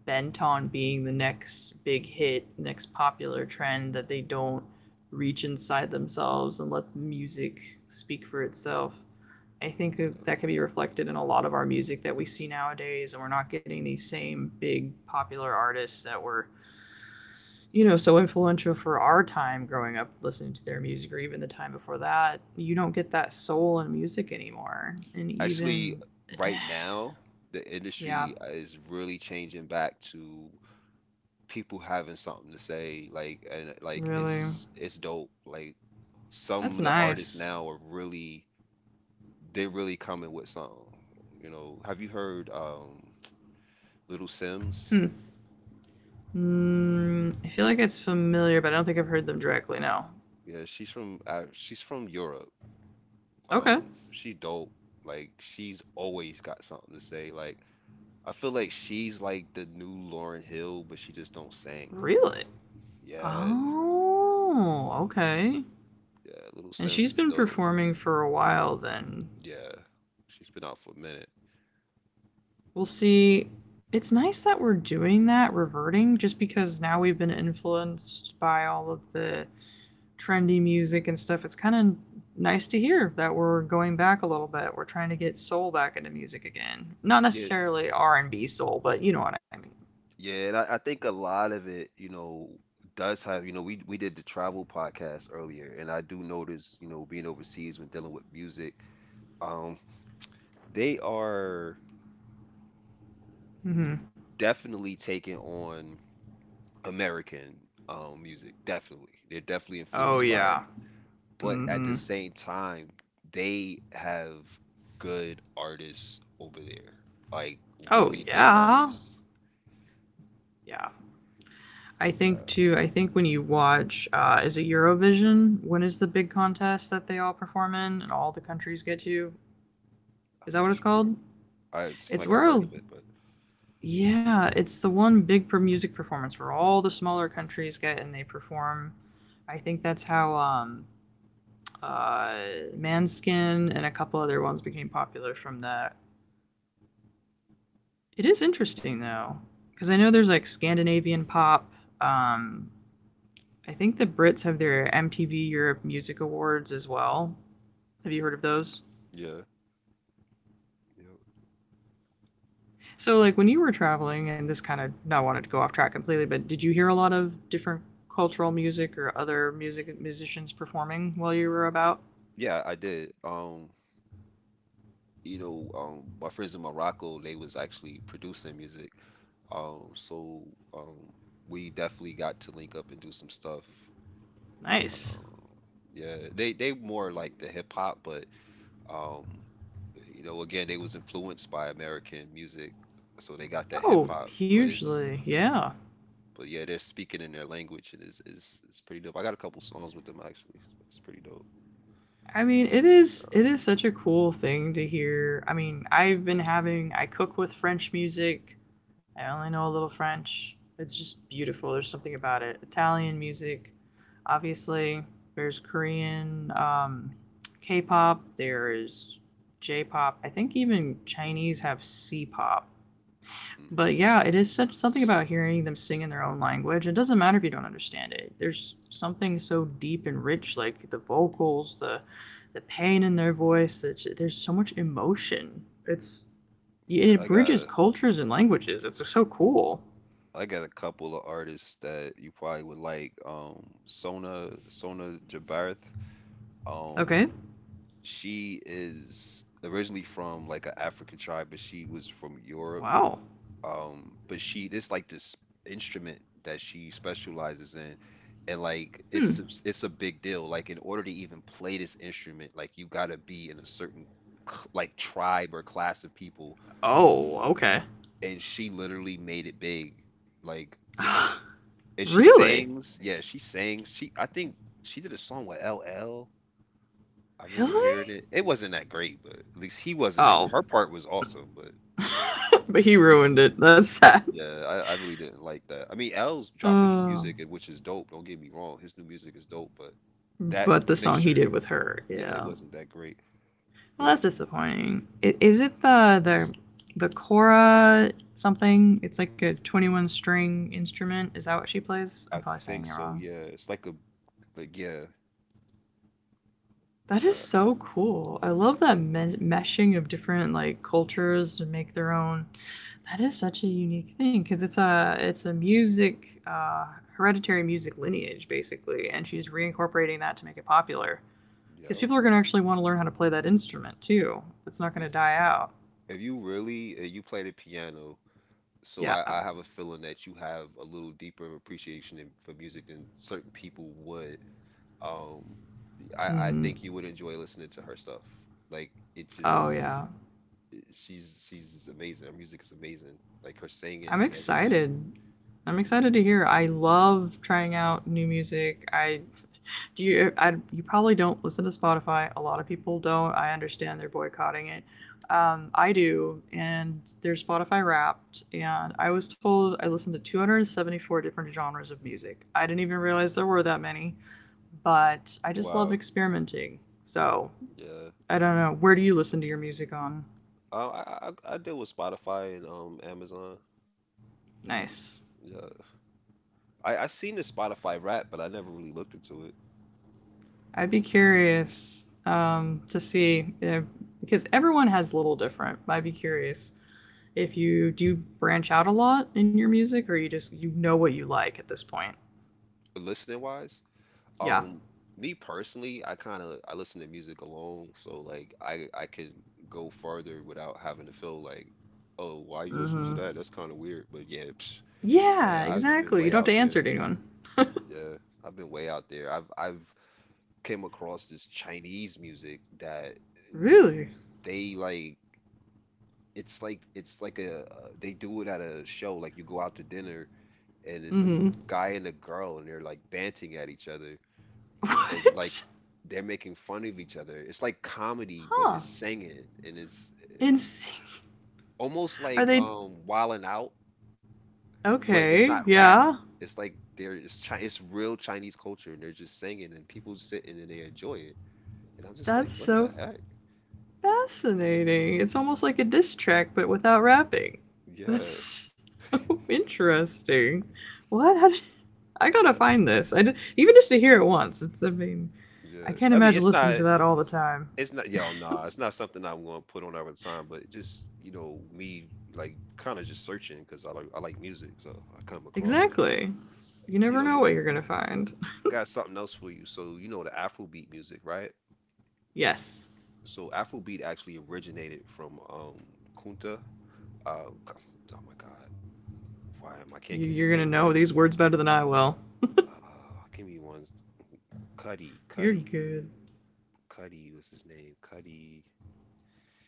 Speaker 1: bent on being the next big hit, next popular trend that they don't reach inside themselves and let the music speak for itself. I think that can be reflected in a lot of our music that we see nowadays, and we're not getting these same big popular artists that were, you know, so influential for our time growing up listening to their music, or even the time before that. You don't get that soul in music anymore. And
Speaker 2: actually,
Speaker 1: even,
Speaker 2: right now the
Speaker 1: yeah,
Speaker 2: industry is really changing back to people having something to say like and like
Speaker 1: really.
Speaker 2: it's dope like some
Speaker 1: That's
Speaker 2: of the artists
Speaker 1: nice.
Speaker 2: now are really they're really coming with something, you know, have you heard Little Sims?
Speaker 1: Hmm. Mm, I feel like it's familiar, but I don't think I've heard them directly, no.
Speaker 2: Yeah, she's from Europe, um
Speaker 1: Okay.
Speaker 2: she's dope like she's always got something to say. Like I feel like she's like the new Lauren Hill but she just don't sing.
Speaker 1: Really?
Speaker 2: Yeah,
Speaker 1: Oh, okay.
Speaker 2: yeah, Little
Speaker 1: And
Speaker 2: Sims
Speaker 1: she's
Speaker 2: is
Speaker 1: been
Speaker 2: dope.
Speaker 1: performing for a while then.
Speaker 2: Yeah, she's been out for a minute.
Speaker 1: We'll see. It's nice that we're doing that, reverting, just because now we've been influenced by all of the trendy music and stuff. It's kind of nice to hear that we're going back a little bit. We're trying to get soul back into music again. Not
Speaker 2: Yeah.
Speaker 1: necessarily R&B soul, but you know what I mean.
Speaker 2: Yeah, and I think a lot of it, you know, does have, you know, we did the travel podcast earlier, and I do notice, you know, being overseas when dealing with music, um, they are
Speaker 1: Mhm.
Speaker 2: definitely taking on American music, definitely. They're definitely
Speaker 1: Oh
Speaker 2: influenced by it,
Speaker 1: yeah.
Speaker 2: but at the
Speaker 1: Mhm.
Speaker 2: same time, they have good artists over there, like
Speaker 1: Oh
Speaker 2: really good
Speaker 1: yeah.
Speaker 2: artists.
Speaker 1: Yeah. I think
Speaker 2: Yeah,
Speaker 1: too. I think when you watch, is it Eurovision? When is the big contest that they all perform in and all the countries get to? Is
Speaker 2: I'm
Speaker 1: that what
Speaker 2: not
Speaker 1: it's
Speaker 2: sure.
Speaker 1: called?
Speaker 2: I It seemed
Speaker 1: It's
Speaker 2: like I heard
Speaker 1: where,
Speaker 2: of it, but
Speaker 1: yeah, it's the one big music performance where all the smaller countries get and they perform. I think that's how uh, Manskin and a couple other ones became popular from that. It is interesting though, because I
Speaker 2: mm,
Speaker 1: know there's like Scandinavian pop. Um, I think the Brits have their MTV Europe Music Awards as well. Have you
Speaker 2: mhm.
Speaker 1: heard of those?
Speaker 2: Yeah. Yeah.
Speaker 1: So, like when you were traveling, and this kind of not wanted to go off track completely, but did you hear a lot of different cultural music or other music musicians performing while you were about?
Speaker 2: Yeah, I did. You know, my friends in Morocco, they was actually producing music. Um, so um, we definitely got to link up and do some stuff.
Speaker 1: Nice.
Speaker 2: Um, yeah, they more like the hip hop, but um, you know, again, they was influenced by American music, so they got that hip
Speaker 1: Oh,
Speaker 2: hop.
Speaker 1: hugely. Yeah.
Speaker 2: But yeah, they're speaking in their language, and it's pretty dope. I got a couple songs with them actually. It's pretty dope.
Speaker 1: I mean, it is such a cool thing to hear. I mean, I've been having I cook with French music. I only know a little French. It's just beautiful. There's something about it. Italian music, obviously. There's Korean, K-pop. There is J-pop. I think even Chinese have C-pop. But
Speaker 2: mm
Speaker 1: yeah, it is such something about hearing them sing in their own language. It doesn't matter if you don't understand it. There's something so deep and rich, like the vocals, the pain in their voice. That there's so much emotion. It's
Speaker 2: Yeah,
Speaker 1: it bridges cultures and languages. It's so cool.
Speaker 2: I got a couple of artists that you probably would like. Um, Sona Jabarth. Um,
Speaker 1: Okay.
Speaker 2: she is originally from like an African tribe, but she was from Europe.
Speaker 1: Wow.
Speaker 2: But she this like this instrument that she specializes in, and like
Speaker 1: Hmm.
Speaker 2: it's a big deal. Like in order to even play this instrument, like you gotta be in a certain like tribe or class of people,
Speaker 1: Oh. Okay.
Speaker 2: and she literally made it big. Like And she
Speaker 1: Really?
Speaker 2: sings. Yeah, she sings. She I think she did a song with L. L. I remember hearing
Speaker 1: Really?
Speaker 2: it. It wasn't that great, but at least he wasn't that.
Speaker 1: Oh,
Speaker 2: Her part was awesome, but
Speaker 1: but he ruined it. That's sad.
Speaker 2: yeah, I really didn't like that. I mean, L's dropping new
Speaker 1: Uh,
Speaker 2: music, which is dope. Don't get me wrong, his new music is dope, but that
Speaker 1: but the song he
Speaker 2: mixture,
Speaker 1: did with her,
Speaker 2: yeah, it
Speaker 1: yeah,
Speaker 2: wasn't that great.
Speaker 1: well,
Speaker 2: But
Speaker 1: that's disappointing. Is it the Cora something? It's like a 21 string instrument. Is that what she plays? I'm
Speaker 2: I
Speaker 1: probably saying
Speaker 2: think
Speaker 1: it
Speaker 2: so.
Speaker 1: wrong.
Speaker 2: Yeah, it's like a yeah.
Speaker 1: That
Speaker 2: uh,
Speaker 1: is so cool. I love that meshing of different like cultures to make their own. That is such a unique thing because it's a music hereditary music lineage basically, and she's reincorporating that to make it popular because
Speaker 2: yeah.
Speaker 1: people are going to actually want to learn how to play that instrument too. It's not going
Speaker 2: If,
Speaker 1: to die out.
Speaker 2: if you really if you play the piano. So
Speaker 1: Yeah.
Speaker 2: I, I have a feeling that you have a little deeper of appreciation for music than certain people would. Um, I
Speaker 1: Mm-hmm.
Speaker 2: think you would enjoy listening to her stuff. Like it's
Speaker 1: Oh
Speaker 2: just
Speaker 1: yeah.
Speaker 2: she's amazing. Her music is amazing. Like her
Speaker 1: I'm
Speaker 2: singing and everything.
Speaker 1: excited. I'm excited to hear. I love trying out new music. I do you I, You probably don't listen to Spotify. A lot of people don't. I understand they're boycotting it. I do, and there's Spotify Wrapped, and I was told I listened to 274 different genres of music. I didn't even realize there were that many, but I just love
Speaker 2: Wow.
Speaker 1: experimenting. So
Speaker 2: Yeah.
Speaker 1: I don't know. Where do you listen to your music on?
Speaker 2: I deal with Spotify and Amazon.
Speaker 1: Nice.
Speaker 2: Yeah. I seen the Spotify rap, but I never really looked into it.
Speaker 1: I'd be curious to see if, because everyone has a little different. I'd be curious if you do branch out a lot in your music, or you just you know what you like at this point.
Speaker 2: Listening wise.
Speaker 1: Yeah.
Speaker 2: Um, Me personally, I kind of I listen to music alone, so like I could go further without having to feel like, oh, why you listening to
Speaker 1: Mm-hmm.
Speaker 2: that? That's kind of weird. But yeah, psh,
Speaker 1: Yeah.
Speaker 2: man, I've been
Speaker 1: Exactly. You
Speaker 2: way
Speaker 1: don't have to
Speaker 2: out there.
Speaker 1: answer to anyone.
Speaker 2: Yeah, I've been way out there. I've came across this Chinese music that
Speaker 1: Really.
Speaker 2: they like. It's like a they do it at a show, like you go out to dinner and it's a
Speaker 1: Mm-hmm.
Speaker 2: guy and a girl and they're like banting at each other and like
Speaker 1: What?
Speaker 2: they're making fun of each other. It's like comedy, but
Speaker 1: Huh.
Speaker 2: it's singing, and it's
Speaker 1: And sing-
Speaker 2: almost
Speaker 1: are
Speaker 2: like
Speaker 1: they
Speaker 2: wilding out, but it's
Speaker 1: okay?
Speaker 2: not rap.
Speaker 1: Yeah.
Speaker 2: It's like there It's Chi it's real Chinese culture, and they're just singing and people sitting and they enjoy it. And I'm just like,
Speaker 1: That's
Speaker 2: what the
Speaker 1: so
Speaker 2: heck?
Speaker 1: fascinating. It's almost like a diss track, but without rapping. That's
Speaker 2: Yeah,
Speaker 1: so interesting. What? How did I gotta find
Speaker 2: yeah.
Speaker 1: this? I did even just to hear it once. It's. I mean, I
Speaker 2: Yeah.
Speaker 1: can't
Speaker 2: I mean,
Speaker 1: imagine listening to that all the time.
Speaker 2: it's not yo, nah, it's not something I'm gonna put on all the time, but just, you know, me like kind of just searching because I like music, so I come across it.
Speaker 1: Exactly. You
Speaker 2: You
Speaker 1: never
Speaker 2: know,
Speaker 1: know what you're gonna find.
Speaker 2: got something else for you. So you know the Afrobeat music, right?
Speaker 1: Yes,
Speaker 2: So Afrobeat actually originated from Kunta. Uh, c- oh my God, why am I
Speaker 1: you,
Speaker 2: can't get
Speaker 1: you're
Speaker 2: his
Speaker 1: gonna
Speaker 2: name
Speaker 1: know
Speaker 2: right?
Speaker 1: these words better than I will.
Speaker 2: Uh, give me one. Cuddy,
Speaker 1: You're
Speaker 2: Cuddy,
Speaker 1: good.
Speaker 2: Cuddy was his name. Cuddy.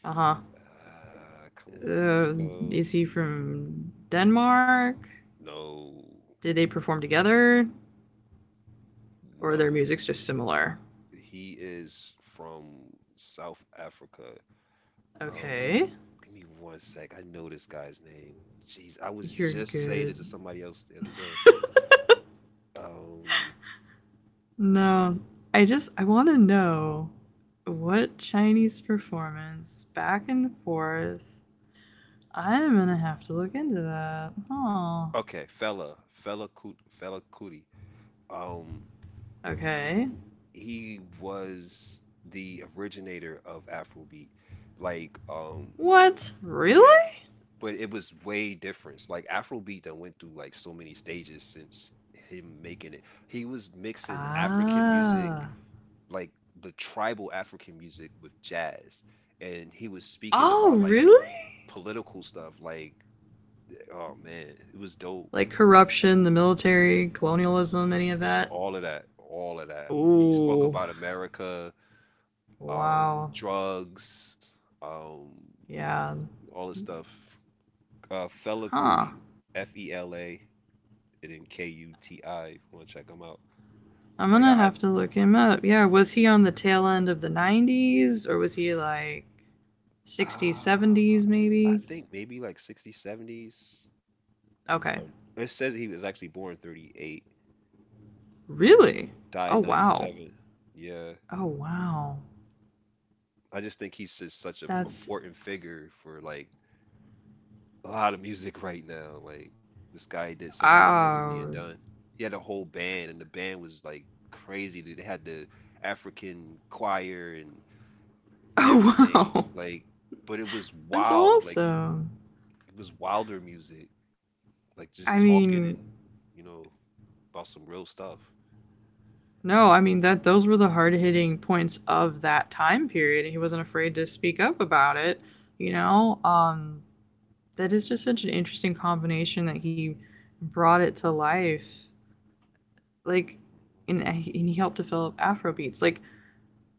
Speaker 1: Uh-huh.
Speaker 2: Come on,
Speaker 1: Uh,
Speaker 2: Rico.
Speaker 1: is he from Denmark?
Speaker 2: No,
Speaker 1: Did they perform together, or their
Speaker 2: no.
Speaker 1: music's just similar?
Speaker 2: He is from South Africa. Um,
Speaker 1: Okay.
Speaker 2: give me one sec. I know this guy's name. Jeez, I was
Speaker 1: You're
Speaker 2: just saying
Speaker 1: good.
Speaker 2: it to somebody else the other day. Um,
Speaker 1: No, I just I want to know what Chinese performance back and forth. I'm gonna have to look into that. Oh,
Speaker 2: Fella Cootie. Um,
Speaker 1: okay.
Speaker 2: he was the originator of Afrobeat. Like, um,
Speaker 1: What?
Speaker 2: yeah,
Speaker 1: Really?
Speaker 2: but it was way different. Like Afrobeat that went through like so many stages since him making it. He was mixing African music,
Speaker 1: Ah.
Speaker 2: like the tribal African music with jazz, and he was speaking
Speaker 1: Oh,
Speaker 2: about like
Speaker 1: really?
Speaker 2: political stuff. Like, oh man, it was dope.
Speaker 1: Like corruption, the military, colonialism, any of that?
Speaker 2: All of that, all of that. He spoke
Speaker 1: Ooh.
Speaker 2: about America,
Speaker 1: Wow.
Speaker 2: drugs, um,
Speaker 1: Yeah.
Speaker 2: all this stuff. Fela Kuti,
Speaker 1: Huh.
Speaker 2: Fela, and then Kuti. If you want to check him out?
Speaker 1: I'm
Speaker 2: Like,
Speaker 1: gonna
Speaker 2: I,
Speaker 1: have to look him up. Yeah, was he on the tail end of the 90s or was he like 60s,
Speaker 2: ah,
Speaker 1: 70s
Speaker 2: I
Speaker 1: maybe?
Speaker 2: think maybe like 60s, 70s.
Speaker 1: Okay.
Speaker 2: Or, it says he was actually born 38. He
Speaker 1: Really?
Speaker 2: died
Speaker 1: Oh,
Speaker 2: in
Speaker 1: wow.
Speaker 2: 97. Yeah.
Speaker 1: Oh, wow.
Speaker 2: I just think he's just such an
Speaker 1: That's.
Speaker 2: important figure for like a lot of music right now. Like this guy did something that wasn't
Speaker 1: Oh.
Speaker 2: being done. He had a whole band, and the band was like crazy. They had the African choir and
Speaker 1: Oh,
Speaker 2: everything.
Speaker 1: wow.
Speaker 2: Like but it was
Speaker 1: That's
Speaker 2: wild. Like
Speaker 1: awesome.
Speaker 2: it was wilder music. Like
Speaker 1: I
Speaker 2: just talking
Speaker 1: mean,
Speaker 2: and you know about some real stuff.
Speaker 1: no, I mean that those were the hard-hitting points of that time period and he wasn't afraid to speak up about it, you know? That is just such an interesting combination that he brought it to life like and he helped develop afrobeats. Like,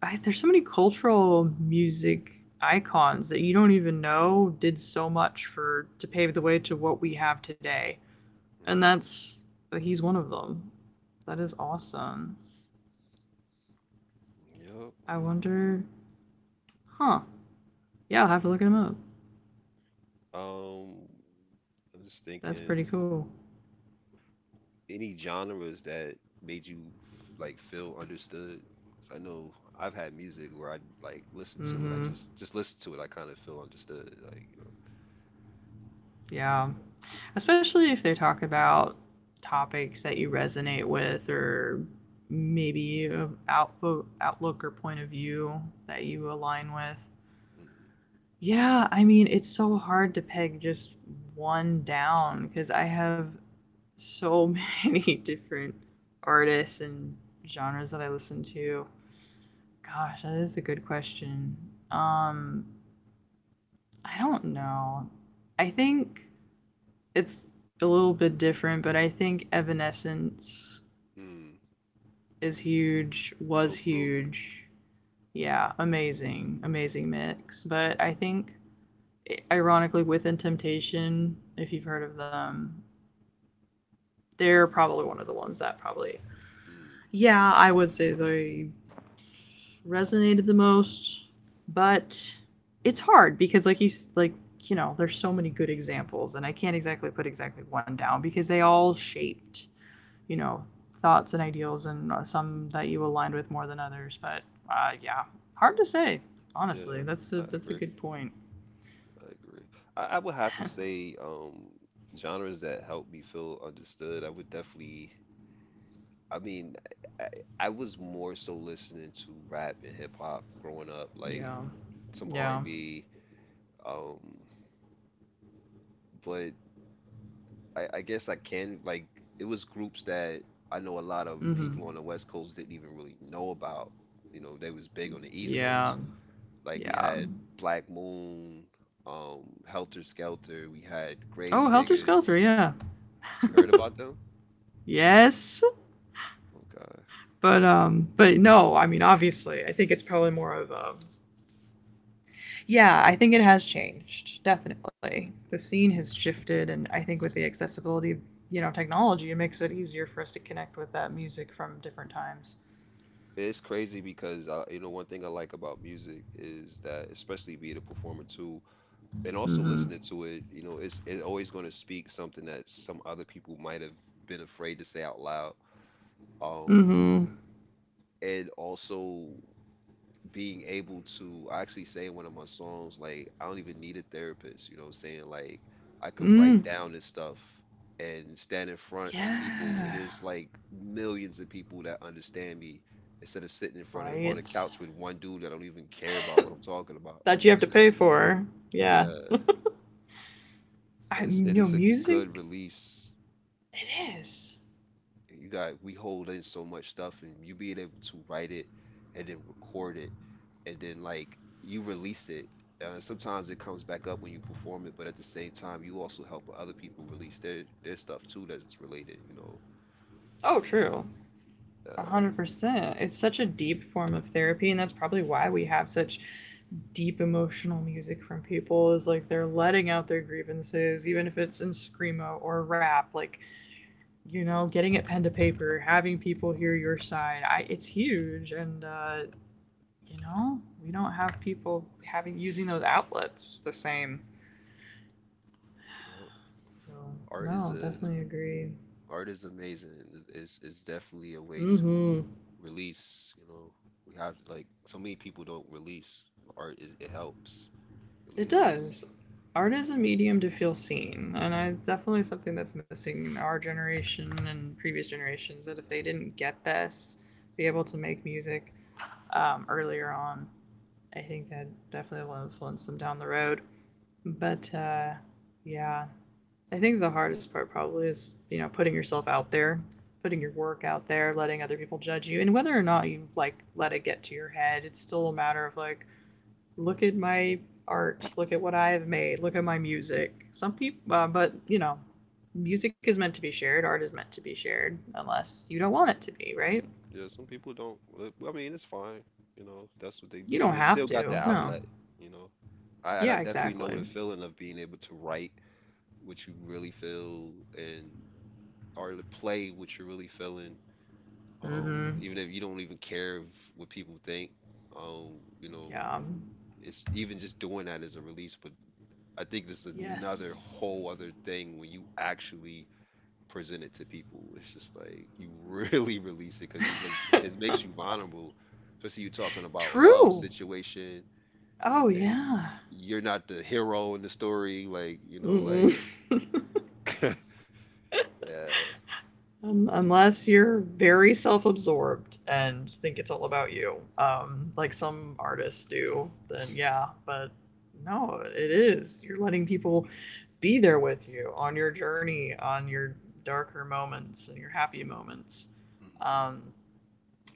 Speaker 1: there's so many cultural music icons that you don't even know did so much for to pave the way to what we have today, and
Speaker 2: Mhm.
Speaker 1: that's like, he's one of them. That is awesome. I
Speaker 2: Yep.
Speaker 1: wonder. Huh. Yeah, I'll have to look him up.
Speaker 2: Um, I'm just
Speaker 1: That's pretty
Speaker 2: thinking,
Speaker 1: cool.
Speaker 2: any genres that made you like feel understood? 'Cause I know I've had music where I like listen to it. I
Speaker 1: Mm-hmm.
Speaker 2: Just listen to it. I kind of feel understood. Like you know,
Speaker 1: Yeah. Especially if they talk about topics that you resonate with or maybe a outlook or point of view that you align with. Yeah, I mean, it's so hard to peg just one down because I have so many different artists and genres that I listen to. Gosh, that is a good question. Um, I don't know. I think it's a little bit different, but I think Evanescence
Speaker 2: mm, mm,
Speaker 1: is huge, was
Speaker 2: dope group.
Speaker 1: huge. Yeah, amazing, amazing mix. But I think, ironically, Within Temptation, if you've heard of them, they're probably one of the ones that probably,
Speaker 2: Mm,
Speaker 1: yeah, I would say they resonated the most. But it's hard because, like you know, there's so many good examples, and I can't exactly put exactly one down because they all shaped, you know, thoughts and ideals and some that you aligned with more than others. But yeah, hard to say. Honestly,
Speaker 2: yeah,
Speaker 1: that's a
Speaker 2: I
Speaker 1: that's a
Speaker 2: agree.
Speaker 1: good point.
Speaker 2: I agree. I would have to say genres that help me feel understood. I would definitely. I mean, I, I was more so listening to rap and hip hop growing up, like
Speaker 1: Yeah,
Speaker 2: some R
Speaker 1: yeah,
Speaker 2: and B. Um, but I guess I can like it was groups that I know a lot of
Speaker 1: mm-hmm.
Speaker 2: people on the West Coast didn't even really know about. You know, they was big on the East
Speaker 1: Yeah,
Speaker 2: Coast. Like we
Speaker 1: yeah.
Speaker 2: had Black Moon, Helter Skelter, we had
Speaker 1: Oh,
Speaker 2: Grave
Speaker 1: Helter Skelter,
Speaker 2: Diggers.
Speaker 1: yeah,
Speaker 2: You heard about them?
Speaker 1: yes.
Speaker 2: Okay.
Speaker 1: But no, I mean, obviously, I think it's probably more of a, yeah, I think it has changed, definitely. The
Speaker 2: Mhm.
Speaker 1: scene has shifted, and I think with the accessibility, you know, technology, it makes it easier for us to connect with that music from different times.
Speaker 2: It's crazy because you know, one thing I like about music is that, especially being a performer too, and also
Speaker 1: Mm-hmm.
Speaker 2: listening to it, you know, it's always going to speak something that some other people might have been afraid to say out loud. Um,
Speaker 1: Mm-hmm.
Speaker 2: and also being able to. I actually say in one of my songs, like, I don't even need a therapist, you know what I'm saying? Like, I could write
Speaker 1: Mm.
Speaker 2: down this stuff and stand in front of people,
Speaker 1: Yeah.
Speaker 2: and there's like millions of people that understand me instead of sitting in front of on a
Speaker 1: Right.
Speaker 2: couch with one dude that don't even care about what I'm talking about.
Speaker 1: That
Speaker 2: You
Speaker 1: you
Speaker 2: know
Speaker 1: have
Speaker 2: what
Speaker 1: to
Speaker 2: I'm
Speaker 1: pay
Speaker 2: saying?
Speaker 1: for. Yeah.
Speaker 2: Yeah.
Speaker 1: I you
Speaker 2: It
Speaker 1: know
Speaker 2: is a good
Speaker 1: music.
Speaker 2: release.
Speaker 1: It is.
Speaker 2: And you got, we hold in so much stuff, and you being able to write it and then record it and then like you release it, sometimes it comes back up when you perform it, but at the same time you also help other people release their stuff too that's related, you know.
Speaker 1: Oh, true. A
Speaker 2: uh,
Speaker 1: hundred percent. It's such a deep form of therapy, and that's probably why we have such deep emotional music from people. Is like they're letting out their grievances, even if it's in screamo or rap. Like,
Speaker 2: mm,
Speaker 1: getting it pen to paper, having people hear your side. I. It's huge, and
Speaker 2: mm,
Speaker 1: you know, we don't have people having using those outlets the same.
Speaker 2: you know,
Speaker 1: So
Speaker 2: art
Speaker 1: no,
Speaker 2: is a
Speaker 1: definitely agree.
Speaker 2: art is amazing. It's definitely a way to
Speaker 1: Mm-hmm.
Speaker 2: release, you know. We have like so many people don't release. It helps, really
Speaker 1: It
Speaker 2: helps.
Speaker 1: does. Art is a medium to feel seen, and I definitely something that's missing in our generation and previous generations. That if they didn't get this, be able to make music earlier on, I think that definitely will influence them down the road. But yeah, I think the hardest part probably is, you know, putting yourself out there, putting your work out there, letting other people judge you. And whether or not you like let it get to your head, it's still a matter of like, look at my art, look at what I have made, look at my music. Some people, but
Speaker 2: Hmm.
Speaker 1: you know, music is meant to be shared, art is meant to be shared, unless you don't want it to be, right?
Speaker 2: Yeah, some people don't. Uh, I mean, it's fine. You know, if that's what they.
Speaker 1: You don't
Speaker 2: They
Speaker 1: have
Speaker 2: still got the
Speaker 1: to. No.
Speaker 2: outlet. You know, I
Speaker 1: Yeah,
Speaker 2: definitely know
Speaker 1: exactly.
Speaker 2: the feeling of being able to write what you really feel, and or to play what you're really feeling.
Speaker 1: Mm-hmm.
Speaker 2: Even if you don't even care if, what people think. You know,
Speaker 1: Yeah.
Speaker 2: it's even just doing that is a release. But I think this is another whole
Speaker 1: Yes.
Speaker 2: other thing when you actually present it to people. It's just like you really release it because you just it makes you vulnerable, especially you talking about love
Speaker 1: True.
Speaker 2: situation,
Speaker 1: Oh
Speaker 2: and
Speaker 1: yeah.
Speaker 2: you're not the hero in the story. Like you know,
Speaker 1: Mm-mm.
Speaker 2: like yeah.
Speaker 1: Unless you're very self-absorbed and think it's all about you, like some artists do, then yeah. But no, it is. You're letting people be there with you on your journey, on your darker moments and your happy moments.
Speaker 2: Hmm.
Speaker 1: Um,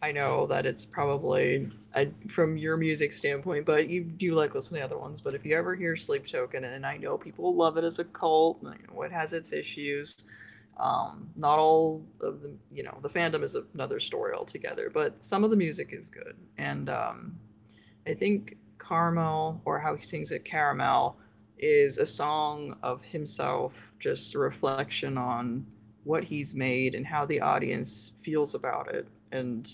Speaker 1: I know that it's probably from your music standpoint, but you do like listening to other ones. But if you ever hear Sleep Token, and I know people love it as a cult, and I know it has its issues. Not all of the, you know, the fandom is another story altogether, but some of the music is good. And I think "Caramel," or how he sings it, Caramel, is a song of himself, just a reflection on what he's made and how the audience feels about it. And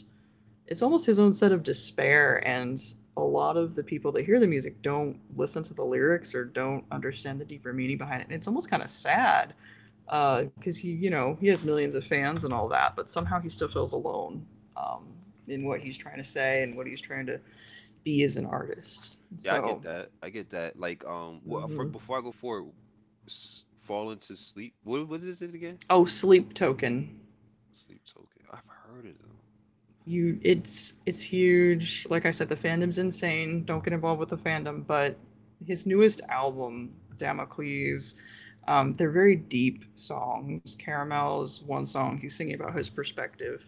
Speaker 1: it's almost his own set of despair, and a lot of the people that hear the music don't listen to the lyrics or don't understand the deeper meaning behind it, and it's almost kind of sad because he, you know, he has millions of fans and all that but somehow he still feels alone, um, in what he's trying to say and what he's trying to be as an artist.
Speaker 2: Yeah, I get
Speaker 1: So
Speaker 2: that. I get that. Like,
Speaker 1: mhm.
Speaker 2: before I go forward, s fall into sleep. What is it again?
Speaker 1: Oh, Sleep Token.
Speaker 2: Sleep token. I've heard of them.
Speaker 1: You, it's huge. Like I said, the fandom's insane. Don't get involved with the fandom, but his newest album, Damocles, they're very deep songs. Caramel is one song he's singing about his perspective.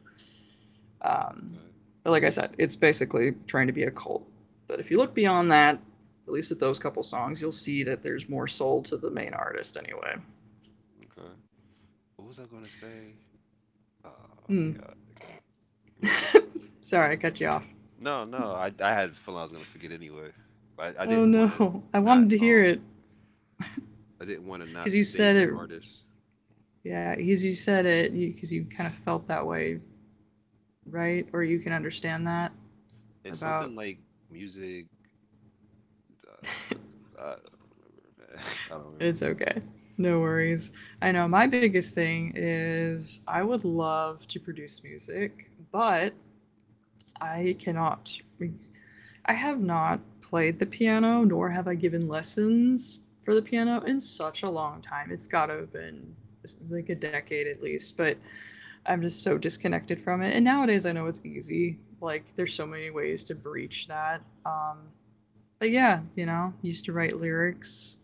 Speaker 1: Um, but like I said, it's basically trying to be a cult. But if you look beyond that, at least at those couple songs, you'll see that there's more soul to the main artist anyway.
Speaker 2: Okay, okay. What was I gonna say? I
Speaker 1: Hmm.
Speaker 2: forgot. Whatever.
Speaker 1: Sorry, I cut you off.
Speaker 2: No, no, I had a feeling I was gonna forget anyway. But I
Speaker 1: Oh
Speaker 2: didn't want to
Speaker 1: no, I
Speaker 2: not
Speaker 1: wanted to hear it
Speaker 2: I didn't want to
Speaker 1: because
Speaker 2: not
Speaker 1: you
Speaker 2: save
Speaker 1: said
Speaker 2: that
Speaker 1: it.
Speaker 2: artist.
Speaker 1: Yeah, because you said it because you kind of felt that way, right? Or you can understand that
Speaker 2: It's
Speaker 1: about
Speaker 2: something like music. Uh, I don't remember. Man. I don't remember.
Speaker 1: it's okay. No worries. I know my biggest thing is I would love to produce music, but I cannot I have not played the piano, nor have I given lessons for the piano in such a long time. It's gotta have been like a decade at least, but I'm just so disconnected from it. And nowadays I know it's easy. Like there's so many ways to breach that. But yeah, you know, used to write lyrics,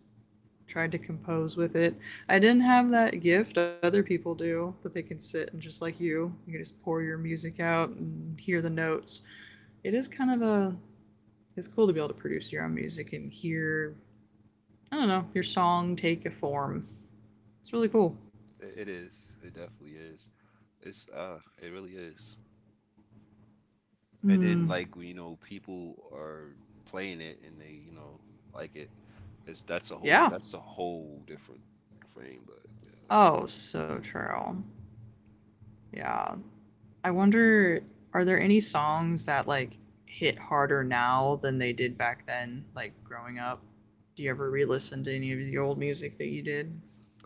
Speaker 1: tried to compose with it. I didn't have that gift other people do that they can sit and just like you can just pour your music out and hear the notes. It is kind of a it's cool to be able to produce your own music and hear I don't know your song take a form. It's really cool.
Speaker 2: It is. It definitely is. It's it really is. And then
Speaker 1: Hmm.
Speaker 2: like when, you know, people are playing it and they you know like it. It's
Speaker 1: Yeah.
Speaker 2: that's a whole different frame. But
Speaker 1: Oh, so true. Yeah. I wonder, are there any songs that like hit harder now than they did back then? Like growing up, do you ever re-listen to any of the old music that you did?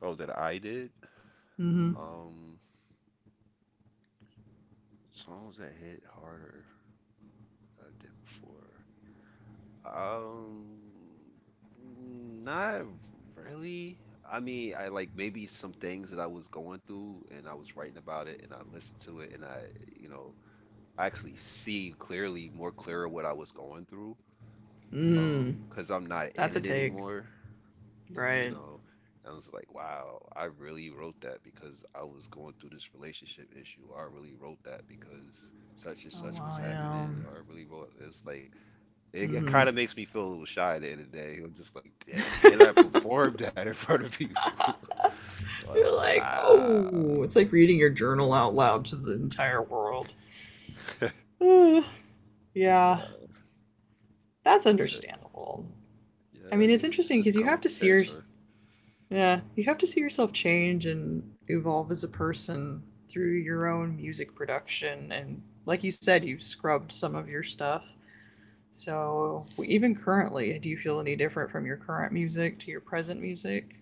Speaker 2: oh, that I did.
Speaker 1: Mm-hmm.
Speaker 2: Um, songs that hit harder. I did before. Um, not really. I mean, I like maybe some things that I was going through and I was writing about it and I listened to it and you know, I actually see clearly, more clearer what I was going through. Um,
Speaker 1: Mm.
Speaker 2: because I'm not
Speaker 1: That's
Speaker 2: in
Speaker 1: a
Speaker 2: it
Speaker 1: take,
Speaker 2: anymore, you
Speaker 1: right?
Speaker 2: know. I was like, wow, I really wrote that because I was going through this relationship issue. I really wrote that because such and
Speaker 1: Oh
Speaker 2: such was
Speaker 1: wow,
Speaker 2: happening.
Speaker 1: yeah.
Speaker 2: Or I really wrote it was like it
Speaker 1: Mm-hmm.
Speaker 2: kind of makes me feel a little shy at the end of the day. I'm just like, dang. And I performed that in front of people. Like,
Speaker 1: You're like,
Speaker 2: wow.
Speaker 1: oh, it's like reading your journal out loud to the entire world. Ugh, yeah, that's
Speaker 2: But
Speaker 1: understandable. I
Speaker 2: yeah, I
Speaker 1: mean, it's
Speaker 2: guess it
Speaker 1: interesting
Speaker 2: just
Speaker 1: because
Speaker 2: come
Speaker 1: you
Speaker 2: with
Speaker 1: have
Speaker 2: the
Speaker 1: to see
Speaker 2: territory.
Speaker 1: yeah, you have to see yourself change and evolve as a person through your own music production. And like you said, you've scrubbed some of your stuff. So even currently, do you feel any different from your current music to your present music,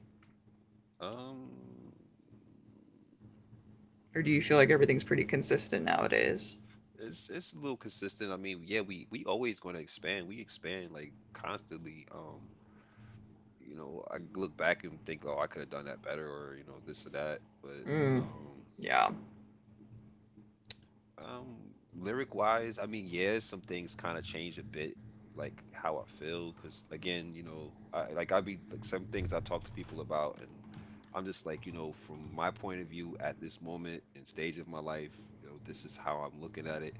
Speaker 2: Um,
Speaker 1: or do you feel like everything's pretty consistent nowadays?
Speaker 2: it's a little consistent. I mean, yeah, we always going to expand. We expand like constantly. I look back and think, oh, I could have done that better, or you know, this or that. But
Speaker 1: Mm,
Speaker 2: um,
Speaker 1: yeah.
Speaker 2: Lyric wise, I mean, yeah, some things kind of change a bit, like how I feel, because again, you know, I like I be like some things I talk to people about, and I'm just like, you know, from my point of view at this moment and stage of my life, you know, this is how I'm looking at it.